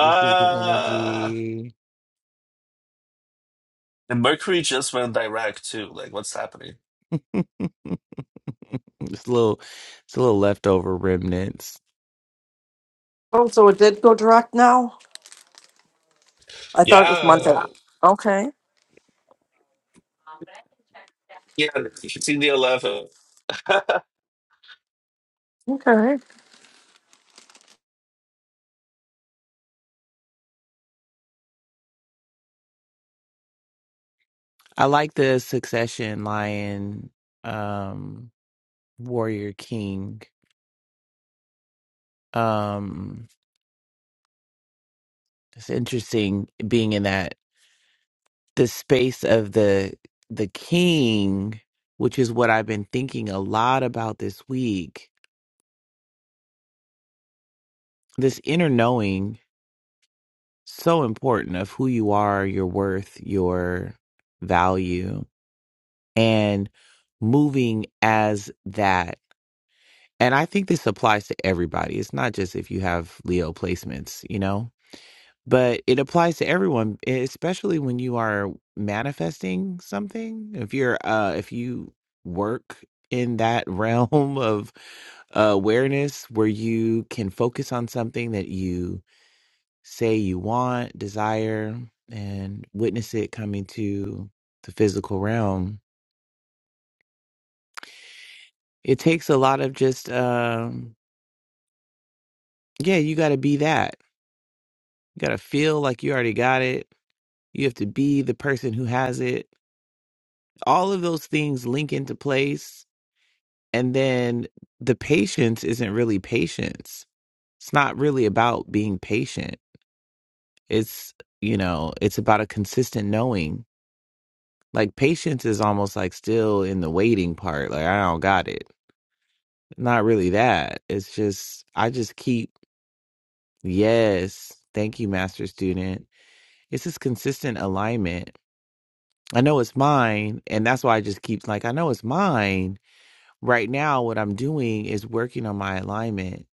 S1: This is the energy.
S2: and Mercury just went direct too. Like, what's happening?
S1: it's a little, it's a little leftover remnants.
S5: Oh, so it did go direct now? I thought it was months
S2: Yeah,
S5: out. Okay.
S2: yeah. You should see the eleven.
S5: Okay.
S1: I like the succession lion, um, warrior king. Um, It's interesting being in that the space of the the king, which is what I've been thinking a lot about this week. This inner knowing so important of who you are, your worth, your value and moving as that. And I think this applies to everybody. It's not just if you have Leo placements, you know. but it applies to everyone e- especially when you are manifesting something if you're uh if you work in that realm of uh, awareness where you can focus on something that you say you want desire and witness it coming to the physical realm it takes a lot of just um yeah you got to be that you got to feel like you already got it you have to be the person who has it all of those things link into place and then the patience isn't really patience it's not really about being patient it's you know it's about a consistent knowing like patience is almost like still in the waiting part like i don't got it not really that it's just i just keep yes thank you master student it's this consistent alignment i know it's mine and that's why i just keep like i know it's mine right now what i'm doing is working on my alignment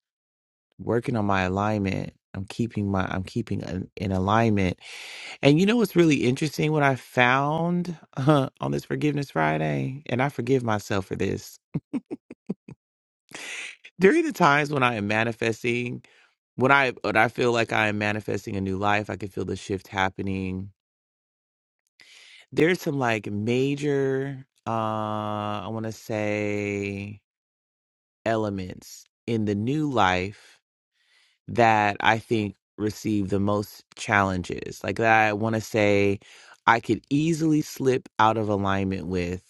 S1: working on my alignment i'm keeping my i'm keeping an, in alignment and you know what's really interesting what i found uh, on this forgiveness friday and i forgive myself for this during the times when i am manifesting when i when i feel like i am manifesting a new life i can feel the shift happening there's some like major uh i want to say elements in the new life that I think receive the most challenges. Like that I want to say I could easily slip out of alignment with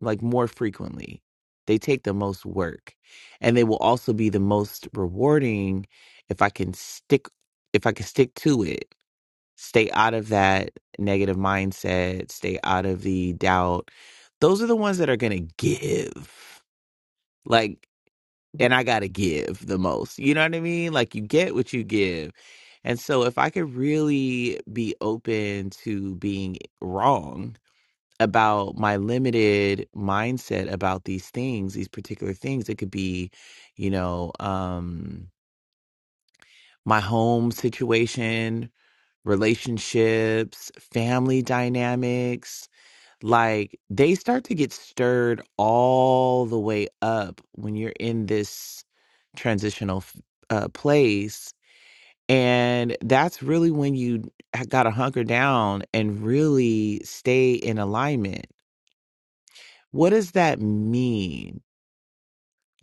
S1: like more frequently. They take the most work and they will also be the most rewarding if I can stick if I can stick to it. Stay out of that negative mindset, stay out of the doubt. Those are the ones that are going to give. Like and I gotta give the most. You know what I mean? Like you get what you give. And so if I could really be open to being wrong about my limited mindset about these things, these particular things, it could be, you know, um my home situation, relationships, family dynamics, like they start to get stirred all the way up when you're in this transitional f- uh, place and that's really when you got to hunker down and really stay in alignment what does that mean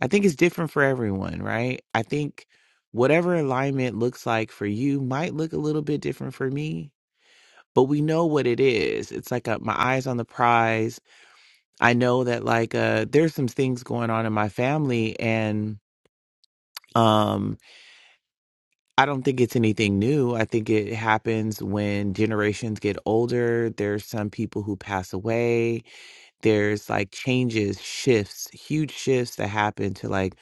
S1: i think it's different for everyone right i think whatever alignment looks like for you might look a little bit different for me but we know what it is it's like a, my eyes on the prize I know that like uh there's some things going on in my family and um I don't think it's anything new. I think it happens when generations get older. There's some people who pass away. There's like changes, shifts, huge shifts that happen to like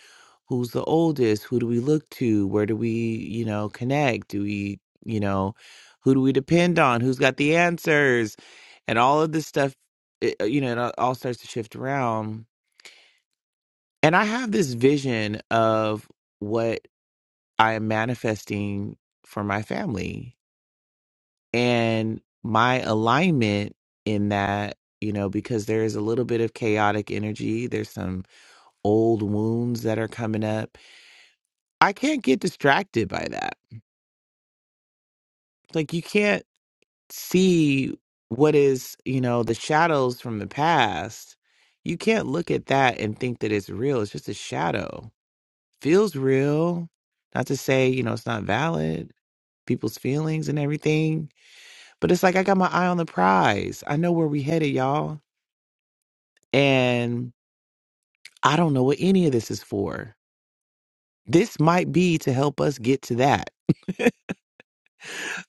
S1: who's the oldest? Who do we look to? Where do we, you know, connect? Do we, you know, who do we depend on? Who's got the answers? And all of this stuff, it, uh, you know, it all all starts to shift around And I have this vision of what I am manifesting for my family and my alignment in that, you know, because there is a little bit of chaotic energy, there's some old wounds that are coming up. I can't get distracted by that. Like, you can't see what is, you know, the shadows from the past. You can't look at that and think that it's real. It's just a shadow feels real. Not to say, you know, it's not valid, people's feelings and everything, but it's like I got my eye on the prize. I know where we headed, y'all. And I don't know what any of this is for. This might be to help us get to that.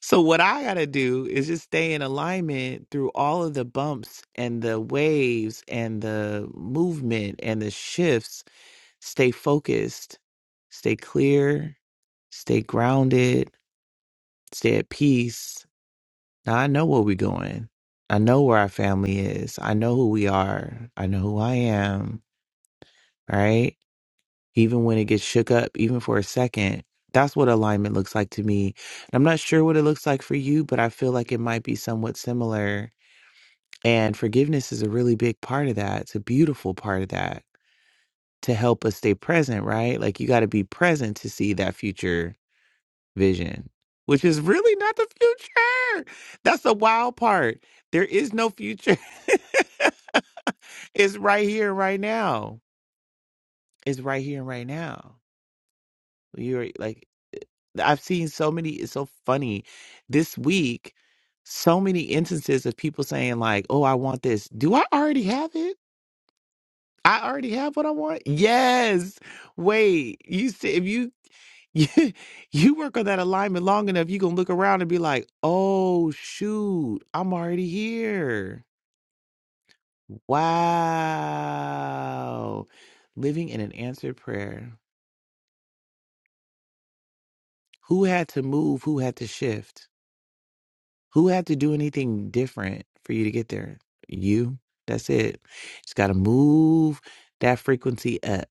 S1: so what I got to do is just stay in alignment through all of the bumps and the waves and the movement and the shifts. Stay focused, stay clear, stay grounded Stay at peace. Now I know where we're going. I know where our family is. I know who we are. I know who I am. Right? Even when it gets shook up, even for a second, that's what alignment looks like to me. And I'm not sure what it looks like for you, but I feel like it might be somewhat similar. And forgiveness is a really big part of that. It's a beautiful part of that to help us stay present, right? Like you got to be present to see that future vision, which is really not the future. That's the wild part. There is no future. it's right here, right now. It's right here, right now. You're like, eh, I've seen so many, it's so funny. This week, so many instances of people saying, like, oh, I want this. Do I already have it? I already have what I want. Yes. Wait. You said if you you, you work on that alignment long enough, you gonna look around and be like, oh shoot, I'm already here. Wow. Living in an answered prayer. Who had to move? Who had to shift? Who had to do anything different for you to get there? You. That's it. Just gotta move that frequency up.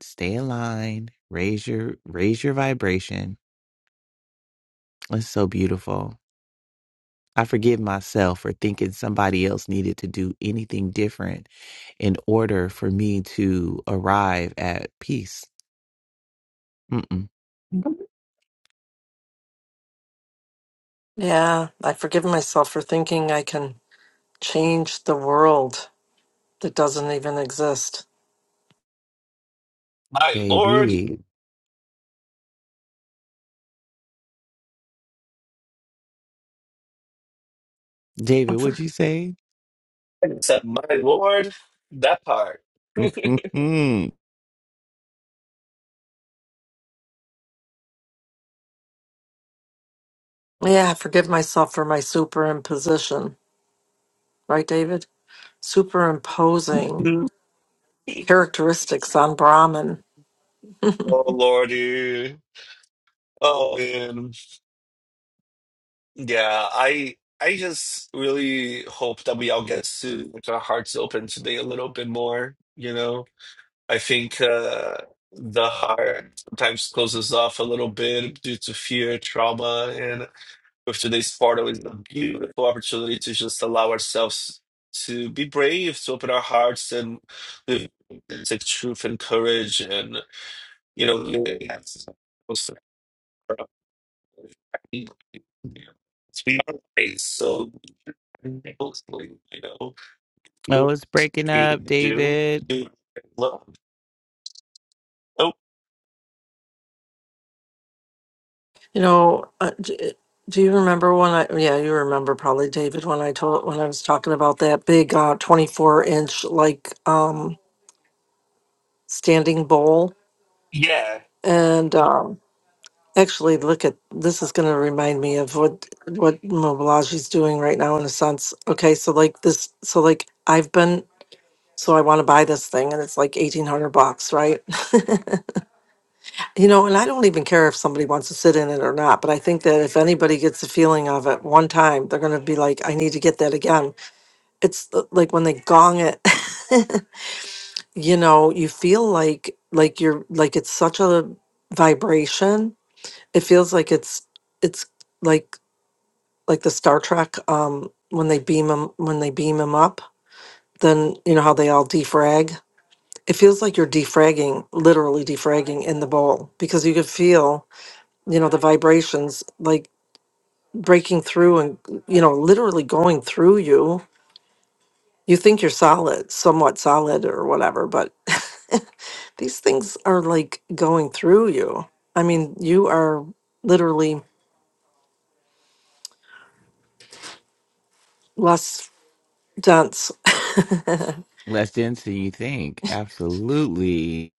S1: Stay aligned. Raise your raise your vibration. It's so beautiful. I forgive myself for thinking somebody else needed to do anything different in order for me to arrive at peace. Mm-mm.
S5: Yeah, i forgive myself for thinking I can change the world that doesn't even exist.
S2: my lord,
S1: Baby. David, what'd
S5: For-
S1: you say?
S2: I said, my lord, that part.
S1: Mm-mm.
S5: Yeah, I forgive myself for my superimposition, right, David? Superimposing
S2: oh
S5: characteristics on Brahman
S2: lordy, oh man. Yeah, I I just really hope that we all get to like our hearts open today a little bit more, you know. I think uh the heart sometimes closes off a little bit due to fear, trauma, and with today's portal is a beautiful opportunity to just allow ourselves to be brave, to open our hearts and live take truth and courage and you know it's has been our ways, so mostly, you know, you
S1: Oh, it's breaking up,
S2: do, do
S1: David.
S2: do love. Oh,
S5: You know, uh, d- uh, do you remember when I, yeah, you remember probably David when I told, when I was talking about that big uh 24 inch like um standing bowl
S2: yeah,
S5: and um actually look at this is going to remind me of what what Mobilage's doing right now in a sense. Okay, so like this so like I've been so I want to buy this thing and it's like 1800 bucks, right? You know, and I don't even care if somebody wants to sit in it or not, but I think that if anybody gets the feeling of it one time, they're going to be like, I need to get that again. It's th- like when they gong it, you know, you feel like, like you're, like it's such a vibration. It feels like it's, it's like, like the Star Trek, um, when they beam them, when they beam them up, then, you know, how they all defrag. It feels like you're defragging, literally defragging in the bowl because you could feel you know the vibrations like breaking through and you know literally going through you you think you're solid somewhat solid or whatever but these things are like going through you i mean you are literally less dense
S1: Less dense than you think. Absolutely.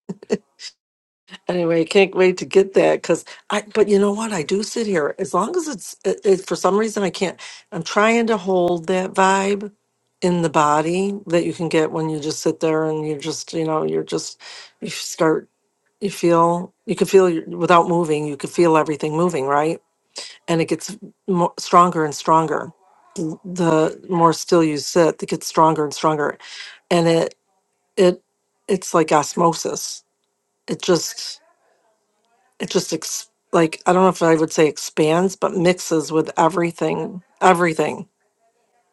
S5: Anyway, can't wait to get that because I, but you know what? I do sit here as long as it's, it, it, for some reason, I can't. I'm trying to hold that vibe in the body that you can get when you just sit there and you're just, you know, you're just, you start, you feel, you can feel your- without moving, you can feel everything moving, right? And it gets more, stronger and stronger. The more still you sit, it gets stronger and stronger. And it, it, it's like osmosis. It just, it just ex- like I don't know if I would say expands, but mixes with everything, everything,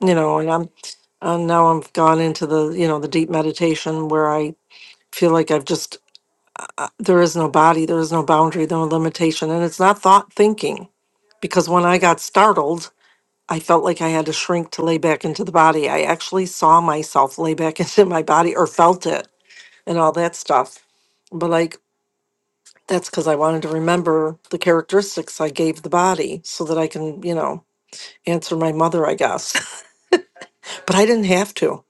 S5: you know. And I'm and now I've gone into the you know the deep meditation where I feel like I've just uh, there is no body, there is no boundary, no limitation, and it's not thought thinking, because when I got startled. I felt like I had to shrink to lay back into the body. I actually saw myself lay back into my body or felt it and all that stuff. But like That's because I wanted to remember the characteristics I gave the body so that I can, you know, answer my mother, I guess. But I didn't have to.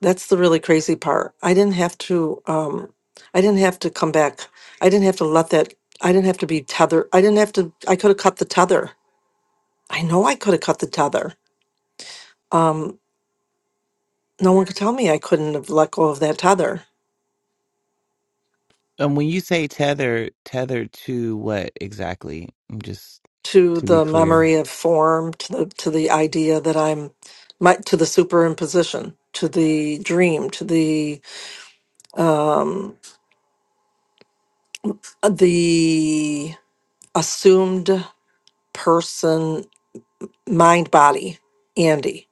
S5: That's the really crazy part. I didn't have to, um, I didn't have to come back. I didn't have to let that, I didn't have to be tethered. I didn't have to, I could have cut the tether. I know I could have cut the tether. Um, no one could tell me I couldn't have let go of that tether.
S1: And when you say tether, tethered to what exactly? I'm just
S5: to
S1: to be
S5: the
S1: clear.
S5: memory of form, to the to the idea that I'm, my, to the superimposition, to the dream, to the um, the assumed person, mind, body, Andy.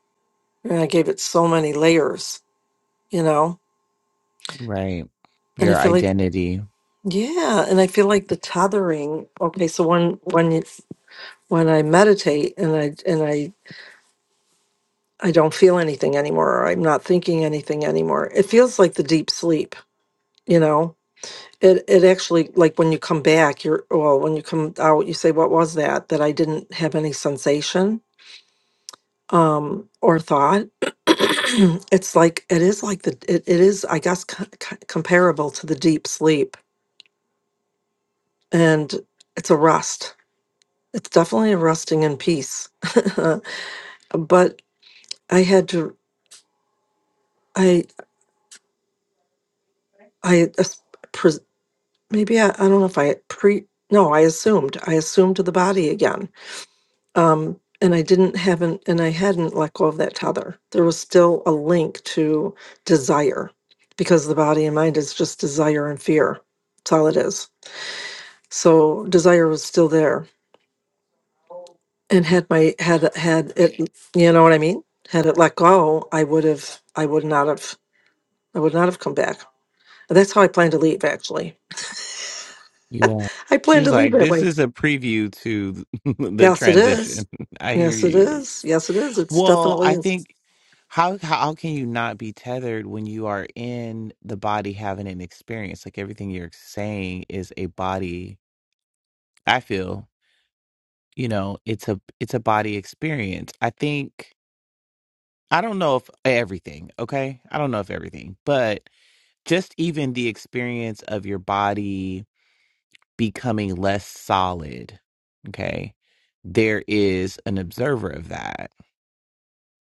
S5: And I gave it so many layers, you know.
S1: Right.
S5: And I
S1: Your
S5: feel like,
S1: identity.
S5: yeah, and I feel like the tethering. Okay, so when when you, when I meditate and I and I I don't feel anything anymore, or I'm not thinking anything anymore. It feels like the deep sleep you know it it actually like when you come back you're well when you come out you say what was that that i didn't have any sensation um or thought it's like it is like the it, it is i guess co- co- comparable to the deep sleep and it's a rest it's definitely a resting in peace but i had to i i as- pres- maybe I, I don't know if i pre no i assumed i assumed to the body again um, and I didn't haven't and I hadn't let go of that tether. There was still a link to desire because the body and mind is just desire and fear. That's all it is. So desire was still there. And had my had had it you know what I mean? Had it let go, I would have I would not have I would not have come back. And that's how I plan to leave actually.
S1: Yeah.
S5: I plan to
S1: She's
S5: leave
S1: like,
S5: that
S1: this
S5: way.
S1: is a preview to the
S5: Yes it is.
S1: transition. I hear
S5: Yes it
S1: you.
S5: is. Yes it is. It's
S1: Well,
S5: definitely
S1: I
S5: is.
S1: think how how can you not be tethered when you are in the body having an experience? Like everything you're saying is a body. I feel, you know, it's a it's a body experience. I think I don't know if everything, okay? I don't know if everything, but just even the experience of your body becoming less solid. Okay. There is an observer of that,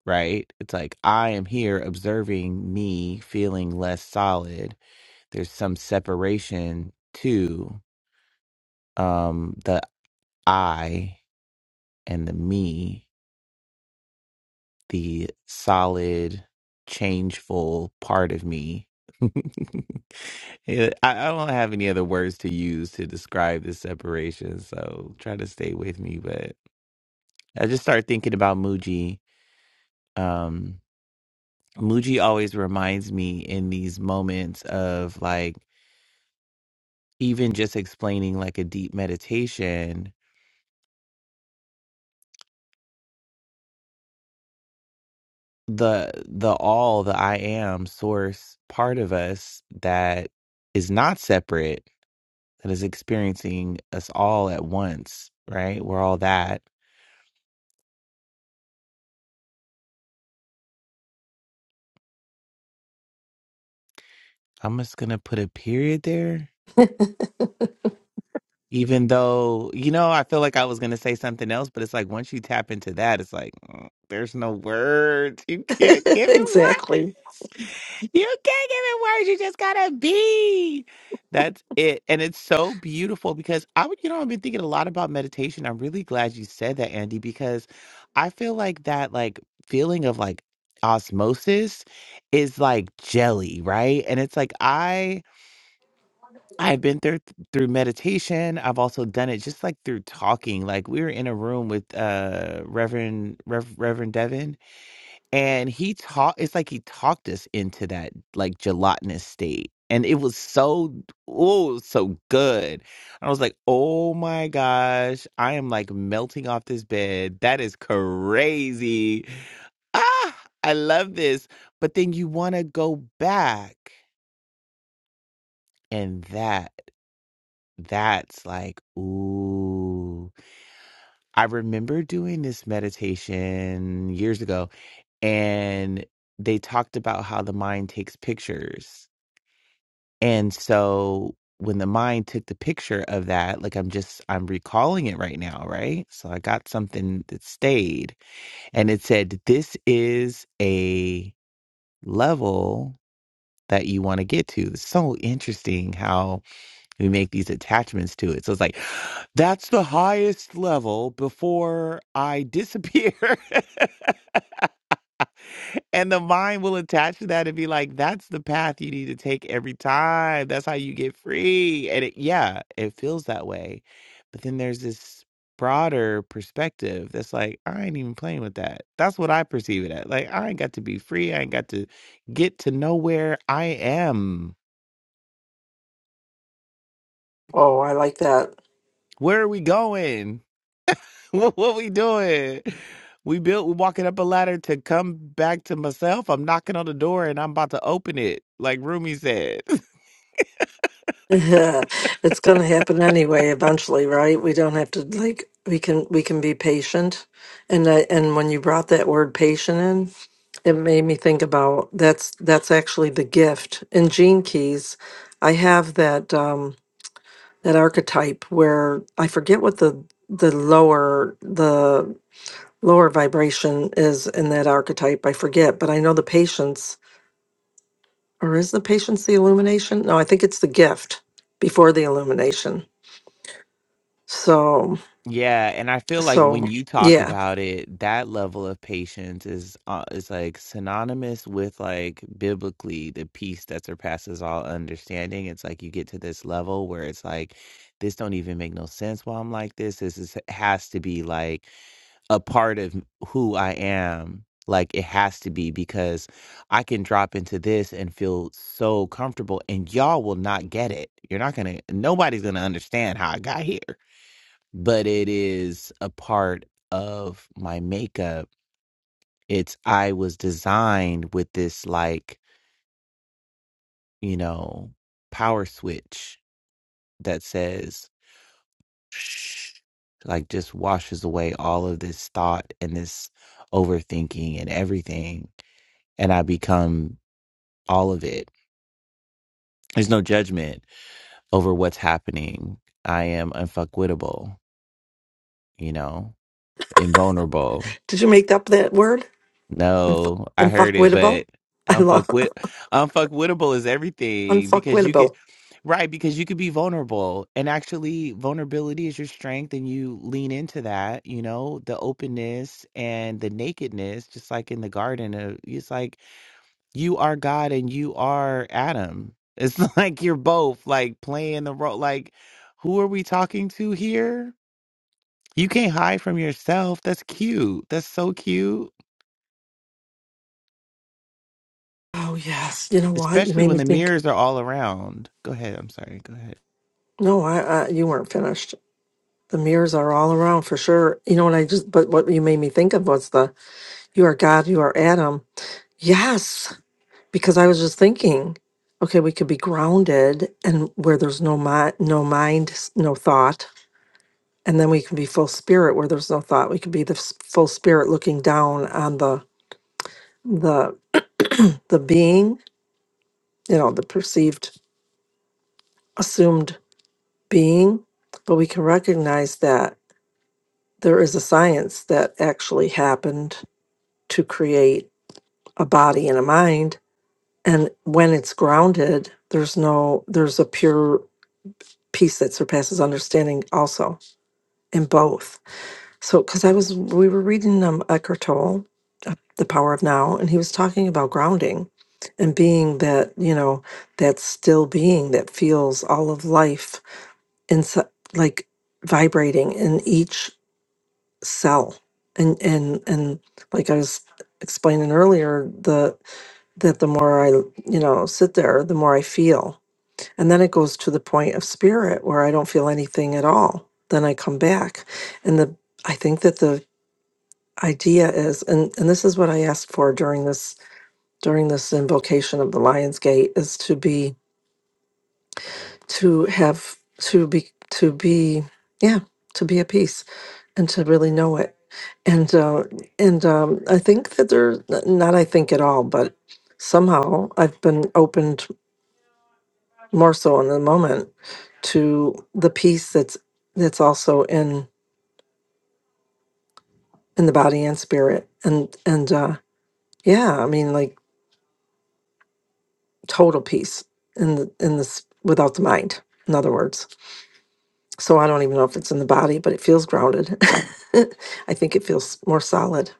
S1: right? It's like, I am here observing me feeling less solid. There's some separation to um, the I and the me, the solid, changeful part of me. Yeah, I, I don't have any other words to use to describe this separation, so try to stay with me. I just started thinking about Muji. Um, Muji always reminds me in these moments of like even just explaining like a deep meditation, the the all, the I am source part of us that is not separate, that is experiencing us all at once, right? We're all that. I'm just gonna put a period there Even though, you know, I feel like I was going to say something else, but it's like once you tap into that, it's like, mm, there's no words. You can't give it
S5: exactly.
S1: words. You can't give it words. You just gotta be. That's it. And it's so beautiful because I would, you know, I've been thinking a lot about meditation. I'm really glad you said that, Andy, because I feel like that like feeling of like osmosis is like jelly, right? And it's like I I've been there through meditation. I've also done it just like through talking. Like we were in a room with uh Reverend Rev, Reverend Devin, and he taught. It's like he talked us into that like gelatinous state, and it was so oh it was so good. I was like, oh my gosh, I am like melting off this bed. That is crazy. Ah, I love this. But then you want to go back, and that. That's like, ooh. I remember doing this meditation years ago, and they talked about how the mind takes pictures. And so when the mind took the picture of that, like I'm just, I'm recalling it right now, right? So I got something that stayed, and it said, this is a level that you want to get to. It's so interesting how. We make these attachments to it. So it's like, that's the highest level before I disappear. and the mind will attach to that and be like, that's the path you need to take every time. That's how you get free. And it, yeah, it feels that way. But then there's this broader perspective that's like, I ain't even playing with that. That's what I perceive it at. Like, I ain't got to be free. I ain't got to get to know where I am.
S5: Oh, I like that.
S1: Where are we going? What, what we doing? We built. We walking up a ladder to come back to myself. I'm knocking on the door and I'm about to open it, like Rumi said.
S5: it's going to happen anyway eventually right we don't have to like we can we can be patient and I, and when you brought that word patient in it made me think about that's that's actually the gift in gene keys i have that um that archetype where i forget what the the lower the lower vibration is in that archetype i forget but i know the patience or is the patience the illumination no i think it's the gift before the illumination So,
S1: yeah, and I feel like
S5: so
S1: when you talk
S5: yeah.
S1: about it, that level of patience is uh, is like synonymous with like biblically the peace that surpasses all understanding. It's like you get to this level where it's like this don't even make no sense. Why I'm like this. This is has to be like. a part of who I am. Like it has to be because I can drop into this and feel so comfortable, and y'all will not get it. You're not gonna, nobody's gonna understand how I got here, but it is a part of my makeup. It's, I was designed with this, like, you know, power switch that says, "shh," like, just washes away all of this thought and this overthinking and everything and I become all of it. There's no judgment over what's happening. I am unfuckwittable, you know, invulnerable.
S5: Did you make up that word?
S1: No, I heard it,
S5: Unfuckwittable?
S1: but
S5: I love
S1: unfuckwit unfuckwittable is everything because you could
S5: unfuckwittable.
S1: right, because you could be vulnerable and actually vulnerability is your strength and you lean into that, you know, the openness and the nakedness, just like in the garden of it's like you are God and you are Adam. It's like you're both like playing the role. Like, who are we talking to here? You can't hide from yourself. That's cute. That's so cute.
S5: Oh yes. You know what? You
S1: Especially
S5: made
S1: when
S5: me
S1: the
S5: think.
S1: mirrors are all around. Go ahead. I'm sorry. Go ahead.
S5: No, I, I you weren't finished. The mirrors are all around for sure. You know what I just but what you made me think of was the you are God, you are Adam. Yes, because I was just thinking, okay, we could be grounded and where there's no mind, no mind, s- no thought, and then we can be full spirit where there's no thought. We could be the s- full spirit looking down on the the the being, you know, the perceived assumed being, but we can recognize that there is a science that actually happened to create a body and a mind and when it's grounded there's no there's a pure peace that surpasses understanding also in both So, because I was, we were reading um, Eckhart Tolle, uh, The Power of Now, and he was talking about grounding and being that, you know, that still being that feels all of life inside, like vibrating in each cell. And, and, and like I was explaining earlier, the, that the more I, you know, sit there, the more I feel. And then it goes to the point of spirit where I don't feel anything at all. Then I come back. And the, I think that the idea is and and this is what i asked for during this during this invocation of the lion's gate is to be to have to be to be yeah to be at peace and to really know it and uh and um i think that there not i think at all but somehow i've been opened more so in the moment to the peace that's that's also in in the body and spirit and and uh yeah i mean like total peace in the in this without the mind in other words so i don't even know if it's in the body but it feels grounded i think it feels more solid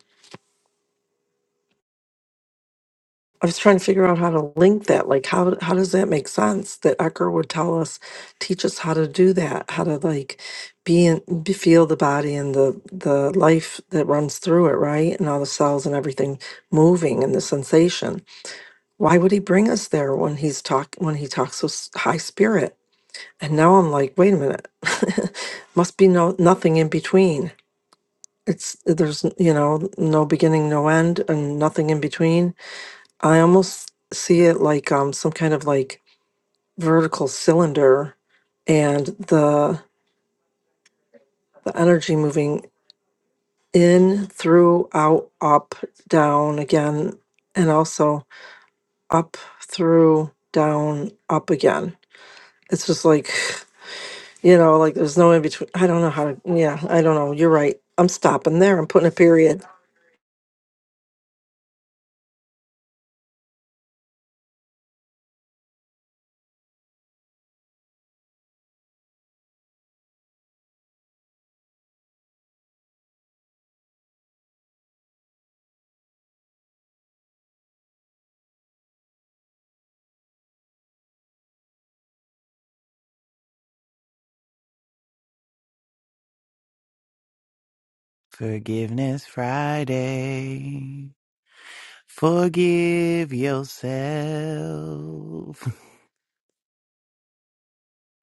S5: i was trying to figure out how to link that like how how does that make sense that ecker would tell us teach us how to do that how to like be in be, feel the body and the the life that runs through it right and all the cells and everything moving and the sensation why would he bring us there when he's talk when he talks so s- high spirit And now I'm like, wait a minute, must be no nothing in between. It's there's you know no beginning, no end, and nothing in between. I almost see it like um some kind of like vertical cylinder, and the the energy moving in, through, out, up, down again, and also up, through, down, up again. It's just like You know, like there's no in between. I don't know how to. Yeah, I don't know. You're right. I'm stopping there. I'm putting a period.
S1: Forgiveness Friday. Forgive yourself.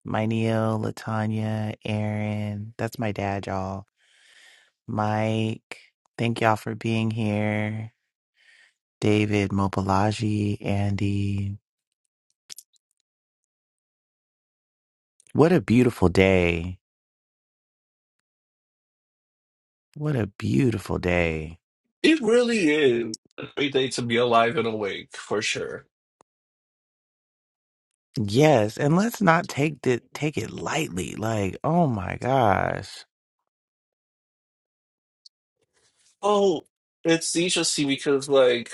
S1: My Neil, Latanya, Aaron. That's my dad, y'all. Mike. Thank y'all for being here. David Mobalaji, Andy. What a beautiful day. What a beautiful day.
S2: it really is a great day to be alive and awake for sure.
S1: Yes, and let's not take it take it lightly. Like, oh my gosh.
S2: Oh, it's interesting because, like.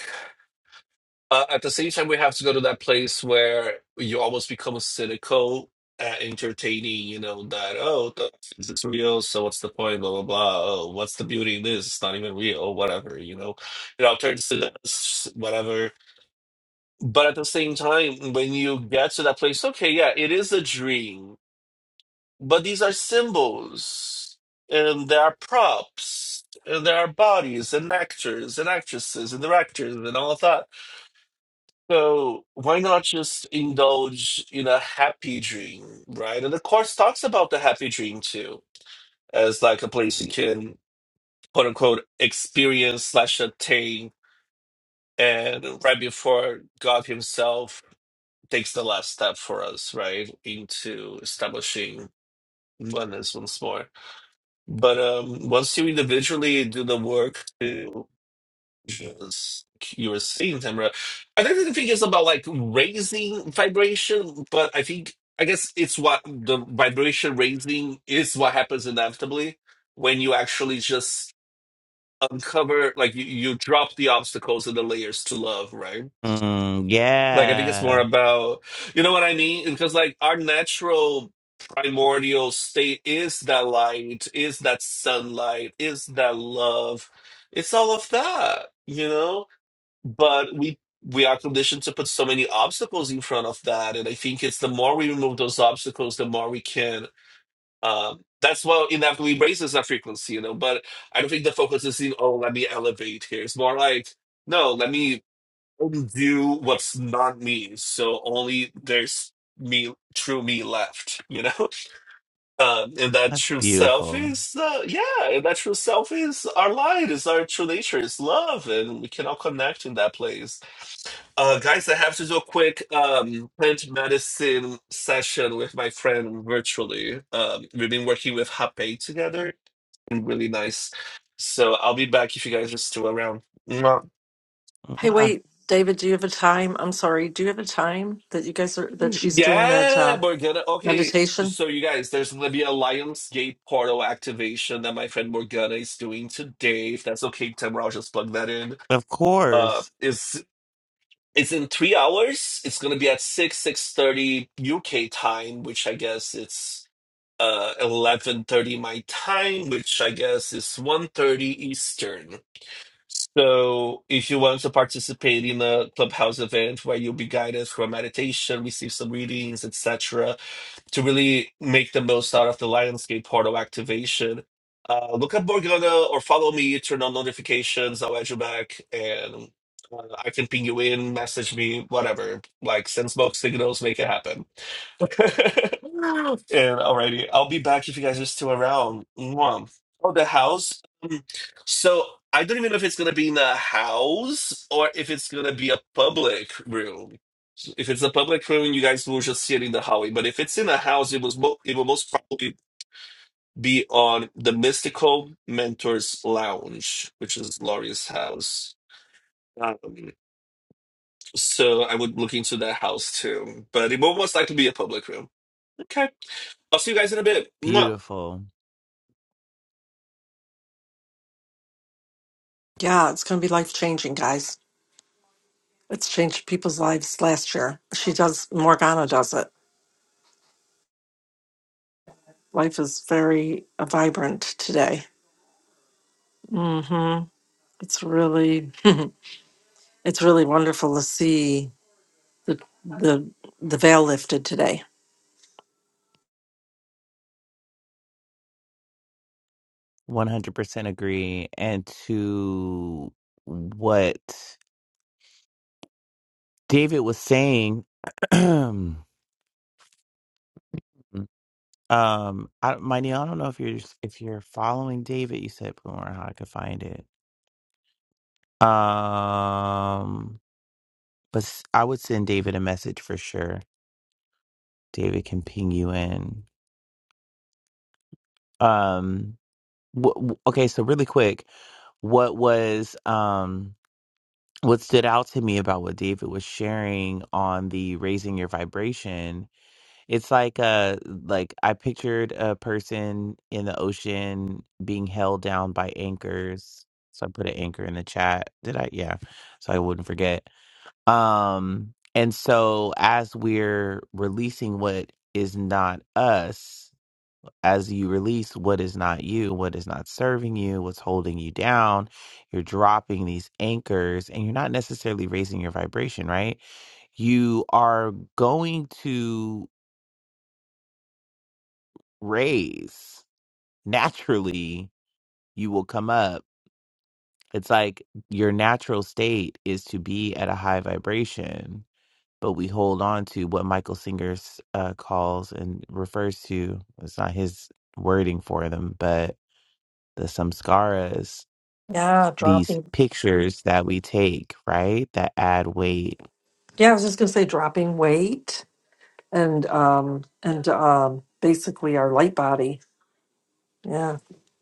S2: Uh, at the same time, we have to go to that place where you almost become cynical at entertaining, you know, that, oh, the, is this real? So what's the point? Blah, blah, blah. Oh, what's the beauty in this? It's not even real, whatever, you know. It all turns to this, whatever. But at the same time, when you get to that place, okay, yeah, it is a dream, but these are symbols and there are props. And there are bodies and actors and actresses and directors and all of that so why not just indulge in a happy dream, right? And the course talks about the happy dream too, as like a place you can quote unquote experience slash attain, and right before God Himself takes the last step for us, right, into establishing oneness once more. But um, once you individually do the work to. vibrations you are seeing, Tamara. I don't even think it's about like raising vibration, but I think I guess it's what the vibration raising is what happens inevitably when you actually just uncover like you, you drop the obstacles and the layers to love, right?
S1: Mm,
S2: Like I think it's more
S1: yeah.
S2: about you know what I mean? Because like our natural primordial state is that light, is that sunlight, is that love. It's all of that, you know? but we we are conditioned to put so many obstacles in front of that and i think it's the more we remove those obstacles the more we can um that's why inevitably raises our frequency you know but i don't think the focus is in oh let me elevate here it's more like no let me undo what's not me so only there's me true me left you know um and that
S1: That's
S2: true self
S1: beautiful.
S2: is uh yeah and that true self is our light is our true nature is love and we can all connect in that place uh, guys, I have to do a quick um, plant medicine session with my friend virtually. Um, we've been working with Hape together, and really nice. So I'll be back if you guys are still around. Mwah.
S5: Hey,
S1: Mwah.
S5: wait, David, do you have a time? I'm sorry, do you have a time that you guys are that she's doing that
S2: Yeah,
S5: uh,
S2: Morgana. Okay,
S5: meditation?
S2: so you guys, there's gonna be a Lionsgate portal activation that my friend Morgana is doing today. If that's okay, Tim, I'll just plug that in.
S1: Of
S2: Uh,
S1: course.
S2: is it's in three hours. It's gonna be at six six thirty UK time, which I guess it's. uh 11:30 my time, which I guess is one thirty Eastern. So if you want to participate in a clubhouse event where you'll be guided through a meditation, receive some readings, etc., to really make the most out of the Lionsgate portal activation, uh, look up Morgana or follow me, turn on notifications, I'll add you back, and uh, I can ping you in, message me, whatever. Like send smoke signals, make it happen. And alrighty, I'll be back if you guys are still around. Mwah. Oh, the house. Mm. So I don't even know if it's gonna be in a house or if it's gonna be a public room. If it's a public room, you guys will just see it in the hallway. But if it's in a house, it was mo it will most probably be on the Mystical Mentors Lounge, which is Laurie's house. Um, so I would look into that house too, but it will most likely be a public room. Okay. I'll see you guys in a bit. Mwah.
S1: Beautiful.
S5: Yeah, it's going to be life changing, guys. It's changed people's lives last year. She does, Morgana does it. Life is very uh, vibrant today. mm hmm It's really, it's really wonderful to see the the the veil lifted today.
S1: 100% agree. And to what David was saying, Um, I, Mighty, I don't know if you're if you're following David. You said Boomer, how I could find it. Um, but s- I would send David a message for sure. David can ping you in. Um, wh- wh- okay, so really quick, what was um what stood out to me about what David was sharing on the raising your vibration It's like uh like I pictured a person in the ocean being held down by anchors. So I put an anchor in the chat. Did I? Yeah. So I wouldn't forget. Um and so as we're releasing what is not us, as you release what is not you, what is not serving you, what's holding you down, you're dropping these anchors and you're not necessarily raising your vibration, right? You are going to raise, naturally you will come up. It's like your natural state is to be at a high vibration, but we hold on to what Michael Singer uh, calls and refers to. It's not his wording for them, but the samskaras,
S5: Yeah,
S1: these
S5: dropping.
S1: pictures that we take, right, that add weight,
S5: Yeah, I was just gonna say dropping weight and um and um basically our light body. Yeah.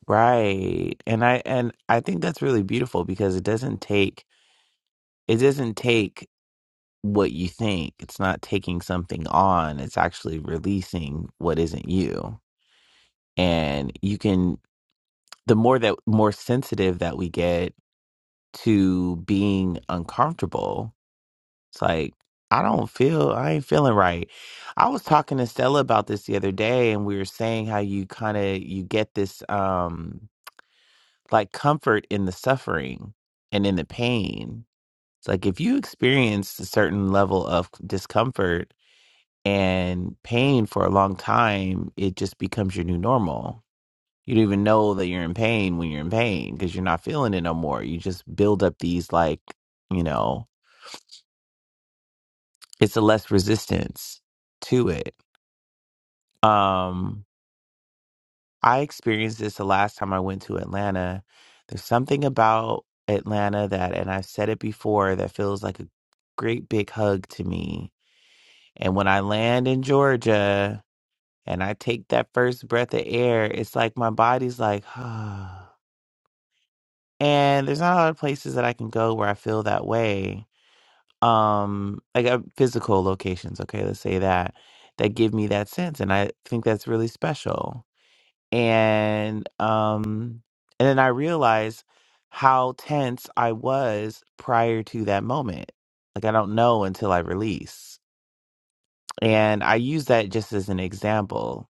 S1: right? And I and I think that's really beautiful because it doesn't take it doesn't take what you think. It's not taking something on, it's actually releasing what isn't you. And you can, the more that, more sensitive that we get to being uncomfortable, it's like, I don't feel, I ain't feeling right. I was talking to Stella about this the other day, and we were saying how you kind of, you get this, um, like comfort in the suffering and in the pain. It's like if you experience a certain level of discomfort, and pain for a long time it just becomes your new normal you don't even know that you're in pain when you're in pain because you're not feeling it no more you just build up these like you know it's a less resistance to it um i experienced this the last time i went to atlanta there's something about atlanta that and i've said it before that feels like a great big hug to me and when i land in georgia and I take that first breath of air, it's like my body's like, ah. and there's not a lot of places that I can go where I feel that way. Um, like uh, physical locations, okay, let's say that that give me that sense, and I think that's really special. And um, and then I realized how tense I was prior to that moment. Like I don't know until I release, and I use that just as an example.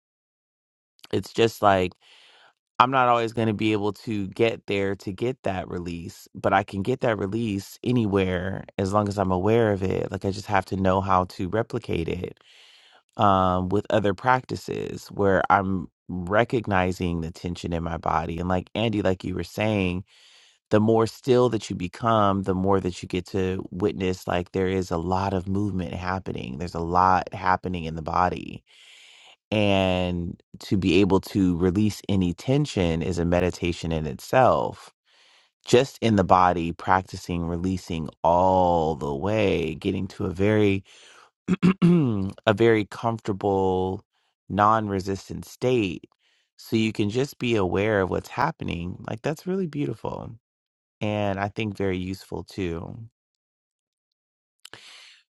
S1: It's just like I'm not always going to be able to get there to get that release, but I can get that release anywhere as long as I'm aware of it. Like I just have to know how to replicate it um, with other practices where I'm recognizing the tension in my body. And like Andy, like you were saying, the more still that you become, the more that you get to witness like there is a lot of movement happening. There's a lot happening in the body and to be able to release any tension is a meditation in itself just in the body practicing releasing all the way getting to a very a very comfortable non-resistant state so you can just be aware of what's happening like that's really beautiful and i think very useful too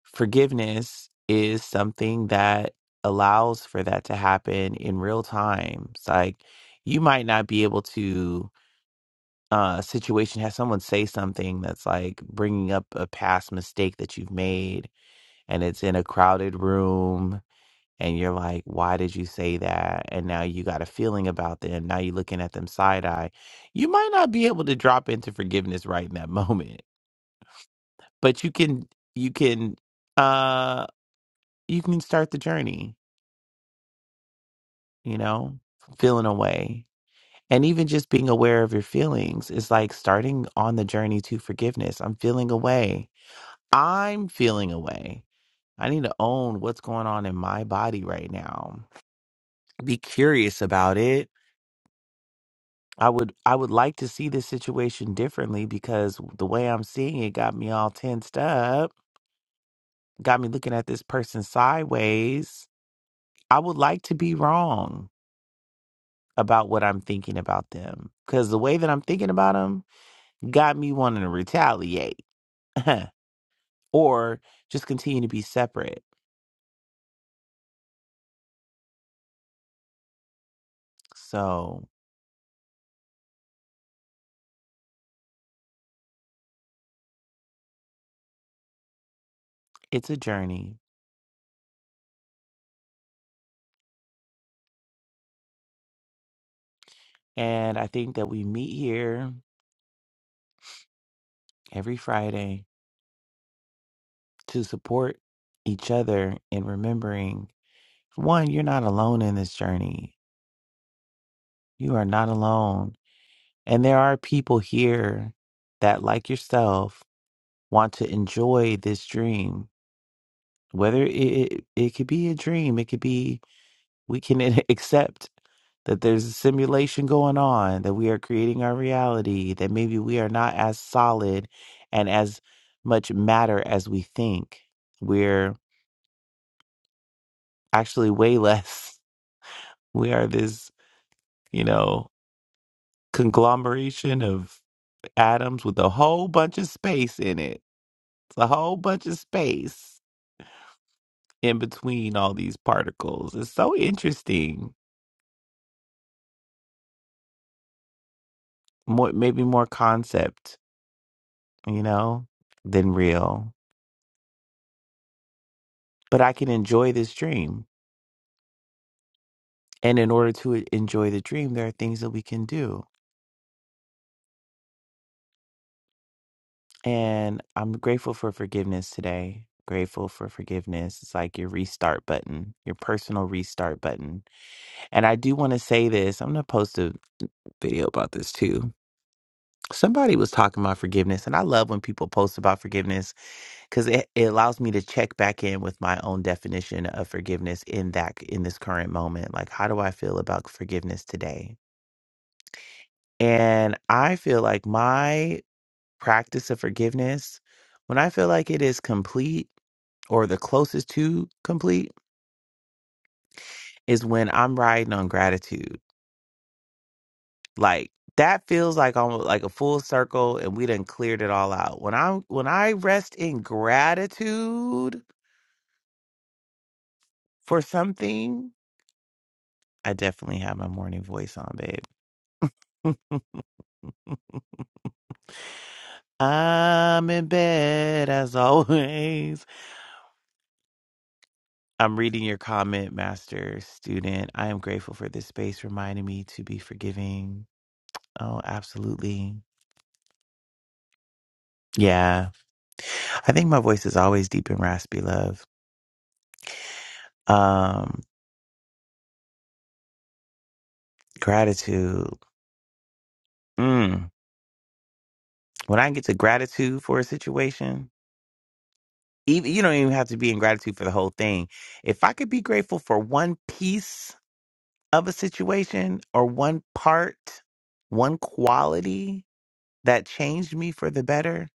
S1: forgiveness is something that allows for that to happen in real time. It's like you might not be able to uh situation have someone say something that's like bringing up a past mistake that you've made and it's in a crowded room and you're like why did you say that and now you got a feeling about them now you're looking at them side eye you might not be able to drop into forgiveness right in that moment but you can you can uh, you can start the journey, you know, feeling away. And even just being aware of your feelings is like starting on the journey to forgiveness. I'm feeling away. I'm feeling away. I need to own what's going on in my body right now. Be curious about it. I would I would like to see this situation differently because the way I'm seeing it got me all tensed up, got me looking at this person sideways. I would like to be wrong. about what I'm thinking about them because the way that I'm thinking about them got me wanting to retaliate or just continue to be separate. So it's a journey. And I think that we meet here every Friday to support each other in remembering one, you're not alone in this journey. You are not alone. And there are people here that, like yourself, want to enjoy this dream whether it, it it could be a dream it could be we can accept that there's a simulation going on that we are creating our reality that maybe we are not as solid and as much matter as we think we're actually way less we are this you know conglomeration of atoms with a whole bunch of space in it it's a whole bunch of space in between all these particles it's so interesting more maybe more concept you know, than real. But I can enjoy this dream. And in order to e, enjoy the dream, there are things that we can do. And I'm grateful for forgiveness today. Grateful for forgiveness. It's like your restart button, your personal restart button. And I do want to say this I'm going to post a video about this too. Somebody was talking about forgiveness, and I love when people post about forgiveness because it, it allows me to check back in with my own definition of forgiveness in that in this current moment like how do i feel about forgiveness today and i feel like my practice of forgiveness when i feel like it is complete or the closest to complete is when i'm riding on gratitude like that feels like almost like a full circle and we done cleared it all out when i when i rest in gratitude for something I definitely have my morning voice on, babe. I'm in bed as always. I'm reading your comment, master student. I am grateful for this space reminding me to be forgiving. Oh, absolutely. Yeah. I think my voice is always deep and raspy, love. Um, gratitude. Mm. When I get to gratitude for a situation, even you don't even have to be in gratitude for the whole thing. If I could be grateful for one piece of a situation or one part, one quality that changed me for the better,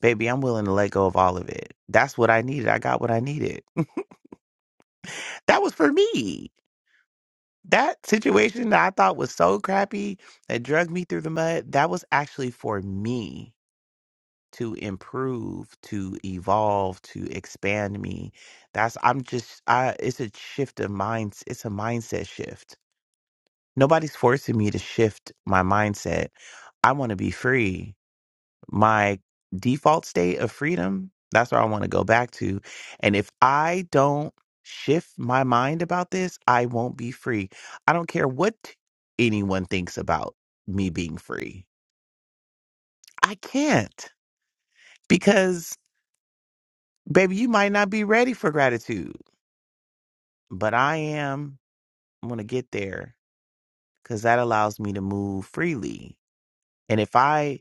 S1: baby, I'm willing to let go of all of it. That's what I needed. I got what I needed. That was for me. That situation that I thought was so crappy that dragged me through the mud, that was actually for me to improve, to evolve, to expand me. That's I'm just I it's a shift of minds, it's a mindset shift Nobody's forcing me to shift my mindset. I want to be free. My default state of freedom, that's where I want to go back to. And if I don't shift my mind about this, I won't be free. I don't care what anyone thinks about me being free. I can't because, baby, you might not be ready for gratitude, but I am. I'm going to get there because that allows me to move freely And if I,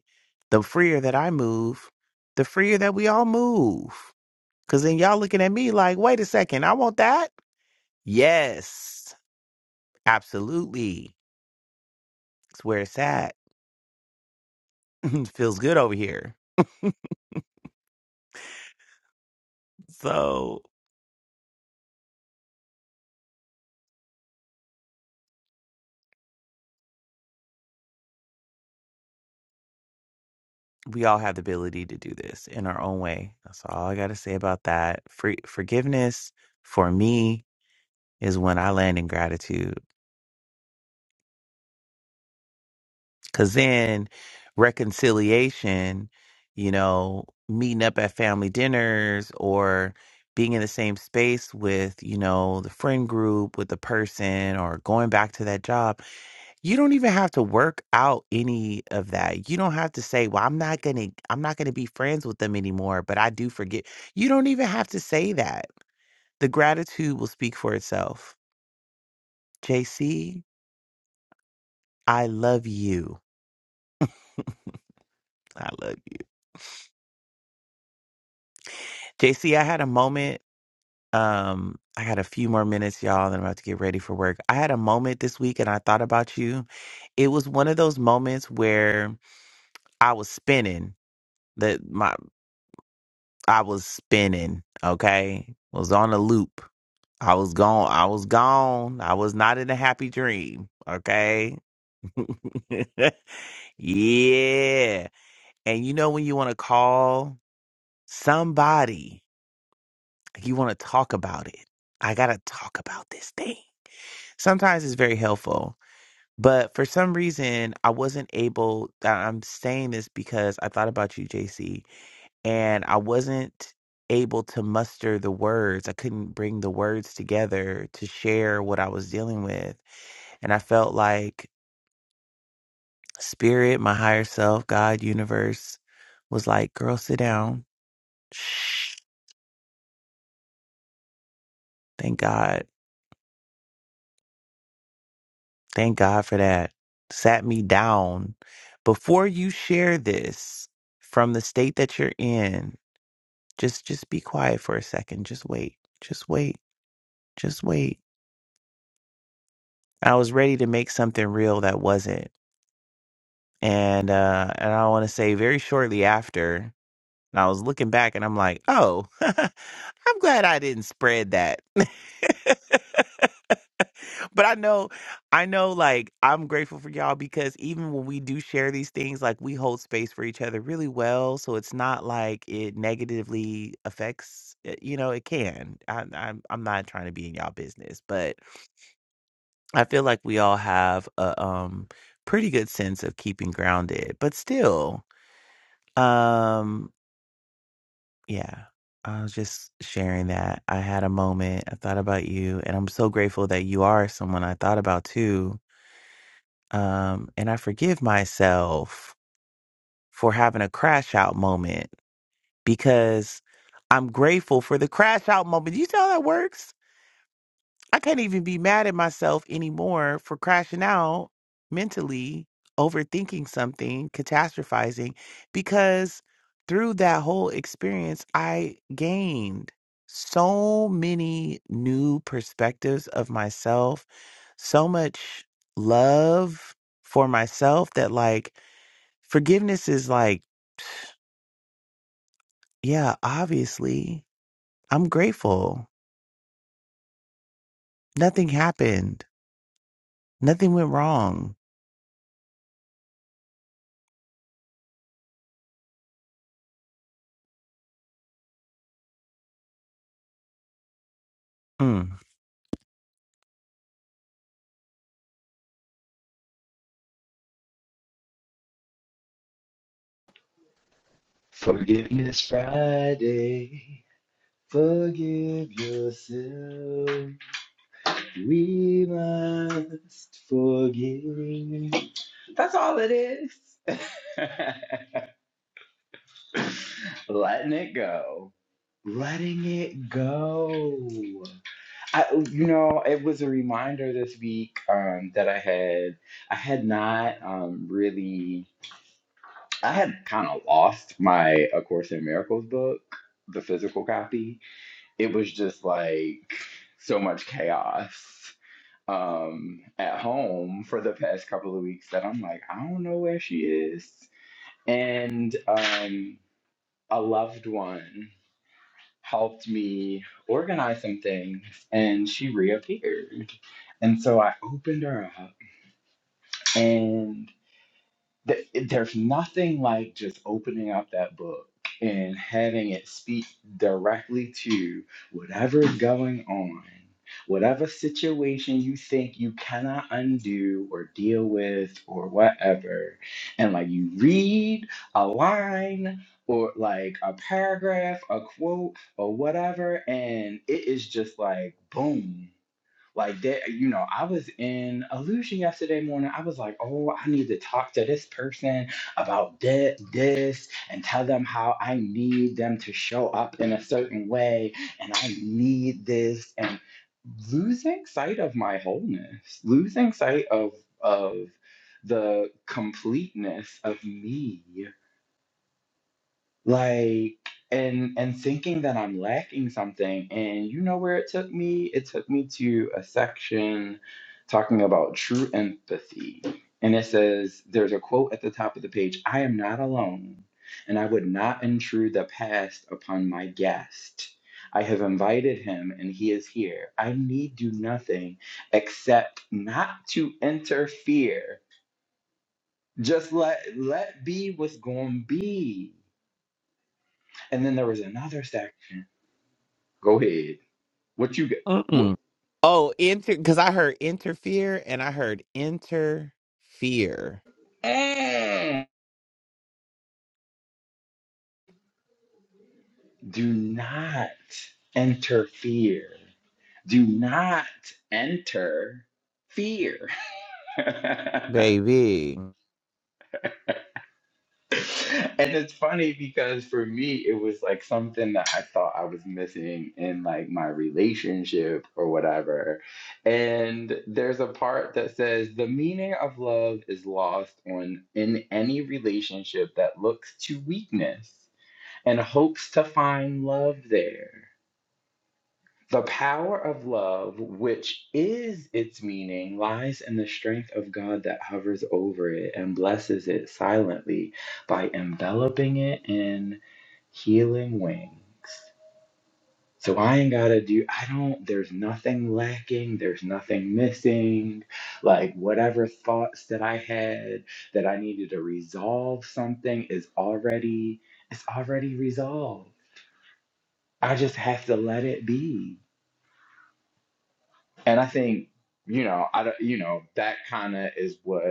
S1: the freer that I move, the freer that we all move. Because then y'all looking at me like, wait a second, I want that? Yes, absolutely. It's where it's at. Feels good over here. So we all have the ability to do this in our own way. That's all I got to say about that. Free, forgiveness for me is when I land in gratitude. Cause then reconciliation, you know, meeting up at family dinners or being in the same space with, you know, the friend group with the person or going back to that job, you don't even have to work out any of that. You don't have to say, "Well, I'm not going to I'm not going to be friends with them anymore, but I do forget." You don't even have to say that. The gratitude will speak for itself. JC, I love you. I love you. JC, I had a moment Um, I got a few more minutes, y'all, and I'm about to get ready for work. I had a moment this week and I thought about you. It was one of those moments where I was spinning. That my I was spinning, okay? Was on a loop. I was gone. I was gone. I was not in a happy dream, okay? yeah. And you know when you want to call somebody, you want to talk about it. I got to talk about this thing. sometimes it's very helpful but for some reason i wasn't able I- i'm saying this because i thought about you jc and i wasn't able to muster the words i couldn't bring the words together to share what i was dealing with and i felt like spirit my higher self god universe was like girl sit down Shh. thank god Thank God for that. Sat me down. Before you share this from the state that you're in, just just be quiet for a second. Just wait. Just wait. Just wait. I was ready to make something real that wasn't. And uh and I want to say very shortly after, and I was looking back and I'm like, "Oh, I'm glad I didn't spread that." but I know, I know, like, I'm grateful for y'all because even when we do share these things, like, we hold space for each other really well. So it's not like it negatively affects, uh, you know, it can. I, I'm, I'm not trying to be in y'all business, but I feel like we all have a um, pretty good sense of keeping grounded. But still, um, yeah, I was just sharing that. I had a moment, I thought about you, and I'm so grateful that you are someone I thought about too Um, and I forgive myself for having a crash out moment because I'm grateful for the crash out moment. You see how that works? I can't even be mad at myself anymore for crashing out mentally, overthinking something, catastrophizing, because through that whole experience, I gained so many new perspectives of myself, so much love for myself that, like, Forgiveness is like, yeah, obviously, I'm grateful. Nothing happened. Nothing went wrong. Mm.
S6: Forgiveness Friday. Forgive yourself. We must forgive. That's all it is. Letting it go. Letting it go. I, you know, it was a reminder this week um, that I had, I had not um, really, I had kind of lost my A Course in Miracles book, the physical copy it was just like so much chaos um at home for the past couple of weeks that I'm like, I don't know where she is. And um a loved one helped me organize some things and she reappeared. And so I opened her up and th- there's nothing like just opening up that book and having it speak directly to whatever's going on, whatever situation you think you cannot undo or deal with or whatever. And like you read a line or like a paragraph, a quote, or whatever, and it is just like boom. Like that, you know, I was in illusion yesterday morning. I was like, oh, I need to talk to this person about thi- this and tell them how I need them to show up in a certain way and I need this and losing sight of my wholeness, losing sight of of the completeness of me like and and thinking that i'm lacking something and you know where it took me it took me to a section talking about true empathy and it says there's a quote at the top of the page i am not alone and i would not intrude the past upon my guest i have invited him and he is here i need do nothing except not to interfere just let let be what's going to be and then there was another section. Go ahead. What you get? What,
S1: Mm-mm. Oh, inter because I heard interfere and I heard interfere,
S6: Mm. do not interfere. Do not enter fear. and
S1: baby.
S6: it's funny because for me, it was like something that I thought I was missing in like my relationship or whatever. And there's a part that says the meaning of love is lost on in any relationship that looks to weakness. and hopes to find love there. The power of love, which is its meaning, lies in the strength of God that hovers over it and blesses it silently by enveloping it in healing wings. So I ain't gotta do, I don't, there's nothing lacking, there's nothing missing. Like, whatever thoughts that I had that I needed to resolve something is already, it's already resolved I just have to let it be. And I think, you know, I don't, you know, that kind of is what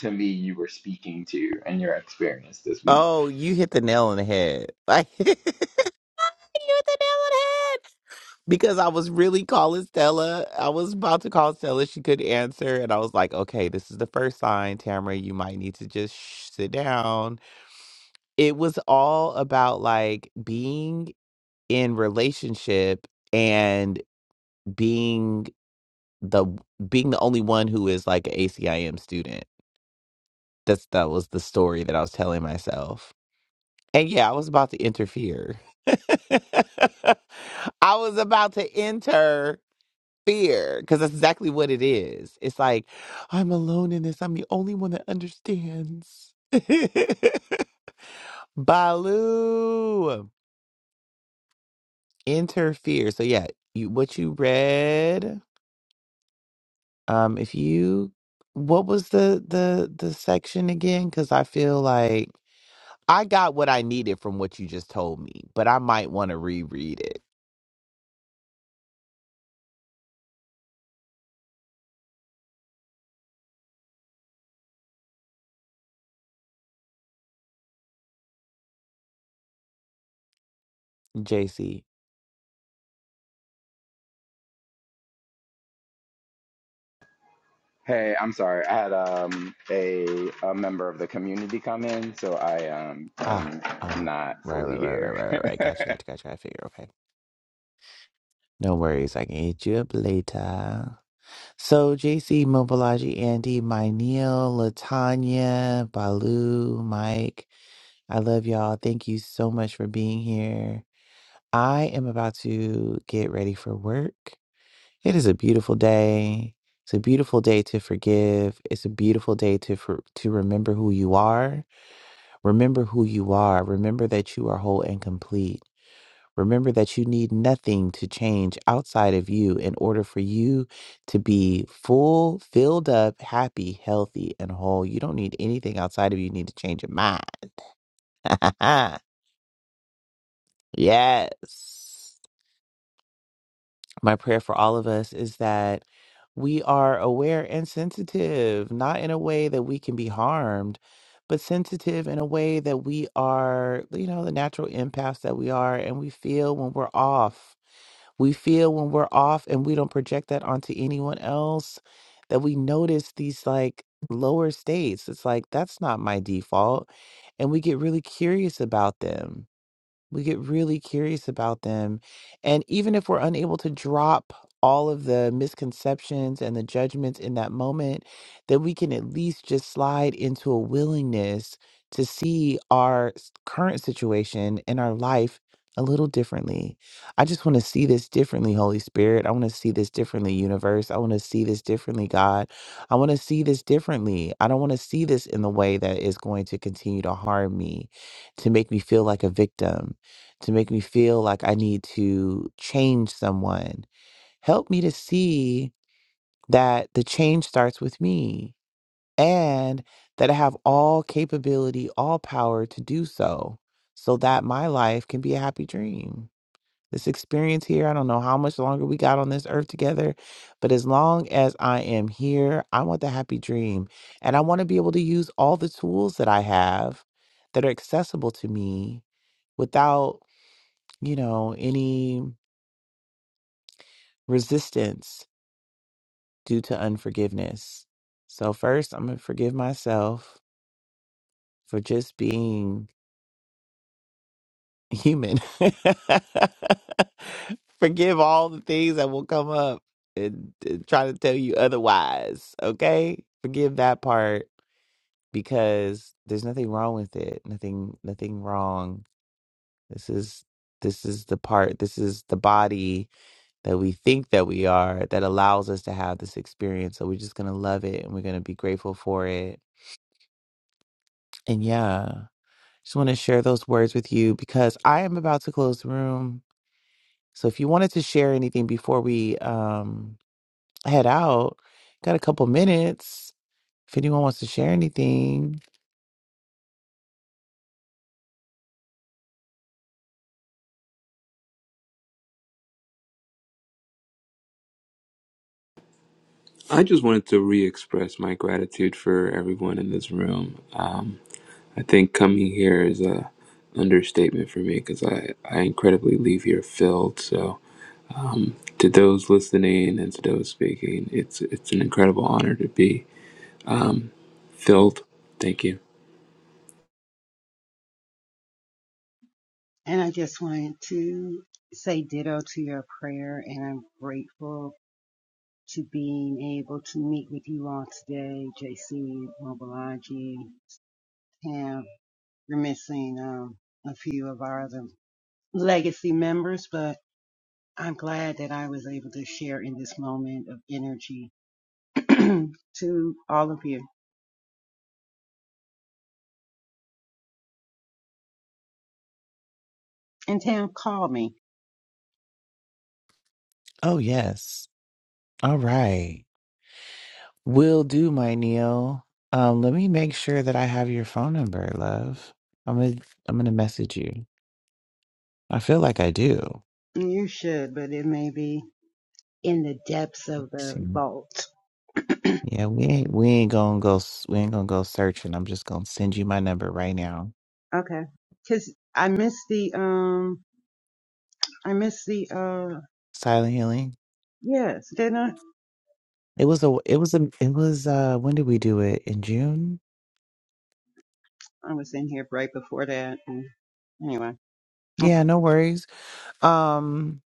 S6: to me you were speaking to in your experience this week.
S1: Oh, you hit the nail on the head. Like you hit the nail on the head. Because I was really calling Stella. I was about to call Stella. She couldn't answer. And I was like, okay, this is the first sign, Tamara. You might need to just shh, sit down It was all about, like, being in relationship and being the being the only one who is, like, an a ACIM student. That's that was the story that I was telling myself. And yeah, I was about to interfere. I was about to interfere because that's exactly what it is. It's like, I'm alone in this. I'm the only one that understands. Baloo. interfere. So yeah, you what you read. Um, if you what was the the the section again? Because I feel like I got what I needed from what you just told me, but I might want to reread it. JC,
S6: Hey, I'm sorry. I had um a a member of the community come in, so I um
S1: ah
S6: am
S1: ah,
S6: not
S1: right
S6: fully
S1: right right right
S6: here.
S1: right right. right. Gotcha gotcha gotcha. I figure okay. No worries, I can hit you up later. So JC, Mobilaji, Andy, my Neil, Latanya, Balu, Mike. I love y'all. Thank you so much for being here. I am about to get ready for work. It is a beautiful day. It's a beautiful day to forgive. It's a beautiful day to for, to remember who you are. Remember who you are. Remember that you are whole and complete. Remember that you need nothing to change outside of you in order for you to be full, filled up, happy, healthy, and whole. You don't need anything outside of you. You need to change your mind. yes. my prayer for all of us is that we are aware and sensitive, not in a way that we can be harmed, but sensitive in a way that we are, you know, the natural empaths that we are, and we feel when we're off. We feel when we're off and we don't project that onto anyone else, that we notice these like lower states. It's like, that's not my default. And we get really curious about them we get really curious about them. And even if we're unable to drop all of the misconceptions and the judgments in that moment, then we can at least just slide into a willingness to see our s- current situation and our life a little differently. I just want to see this differently, Holy Spirit. I want to see this differently, universe. I want to see this differently, God. I want to see this differently. I don't want to see this in the way that is going to continue to harm me, to make me feel like a victim to make me feel like I need to change someone. Help me to see that the change starts with me and that I have all capability, all power to do so, so that my life can be a happy dream. This experience here, I don't know how much longer we got on this earth together, but as long as I am here, I want the happy dream. And I want to be able to use all the tools that I have that are accessible to me without you know, any resistance due to unforgiveness. So, first, I'm going to forgive myself for just being human. forgive all the things that will come up and, and try to tell you otherwise. Okay. Forgive that part because there's nothing wrong with it. Nothing, nothing wrong. This is, this is the part, this is the body that we think that we are that allows us to have this experience. So we're just going to love it and we're going to be grateful for it. And yeah, just want to share those words with you because I am about to close the room. So if you wanted to share anything before we um, head out, got a couple minutes. If anyone wants to share anything,
S3: I just wanted to re express my gratitude for everyone in this room. Um, I think coming here is a understatement for me because I, I incredibly leave here filled. So, um, to those listening and to those speaking, it's, it's an incredible honor to be um, filled. Thank you.
S7: And I just wanted to say ditto to your prayer, and I'm grateful to being able to meet with you all today, JC, Mobalaji, Tam. we are missing um, a few of our other legacy members, but I'm glad that I was able to share in this moment of energy to all of you. And Tam, call me.
S1: oh, yes. All right. Will do, my Neil. Um, let me make sure that I have your phone number, love. I'm gonna I'm gonna message you. I feel like I do.
S7: You should, but it may be in the depths of the
S1: See,
S7: vault.
S1: Yeah, we ain't we ain't gonna go s- we ain't gonna go searching. I'm just gonna send you my number right now.
S7: Okay. Because I missed the um I missed the uh
S1: Silent healing.
S7: yes, didn't I?
S1: It was a it was a it was uh when did we do it? In June?
S7: I was in here right before that. And anyway.
S1: Yeah, no worries. Um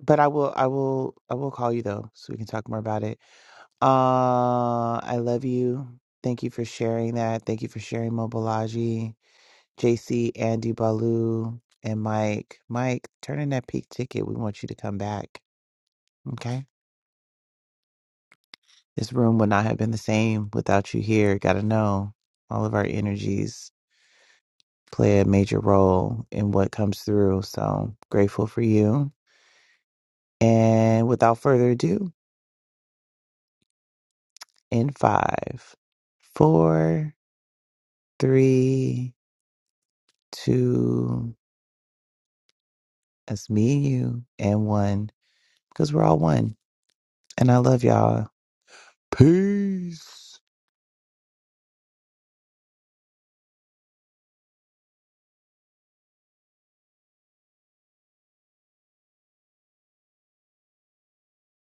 S1: but I will I will I will call you though so we can talk more about it. Uh I love you. Thank you for sharing that. Thank you for sharing Mobilaji, JC, Andy Balu, and Mike. Mike, turn in that peak ticket. We want you to come back. Okay. This room would not have been the same without you here. Got to know all of our energies play a major role in what comes through. So grateful for you. And without further ado, in five, four, three, two, that's me and you, and one, because we're all one. And I love y'all. Peace.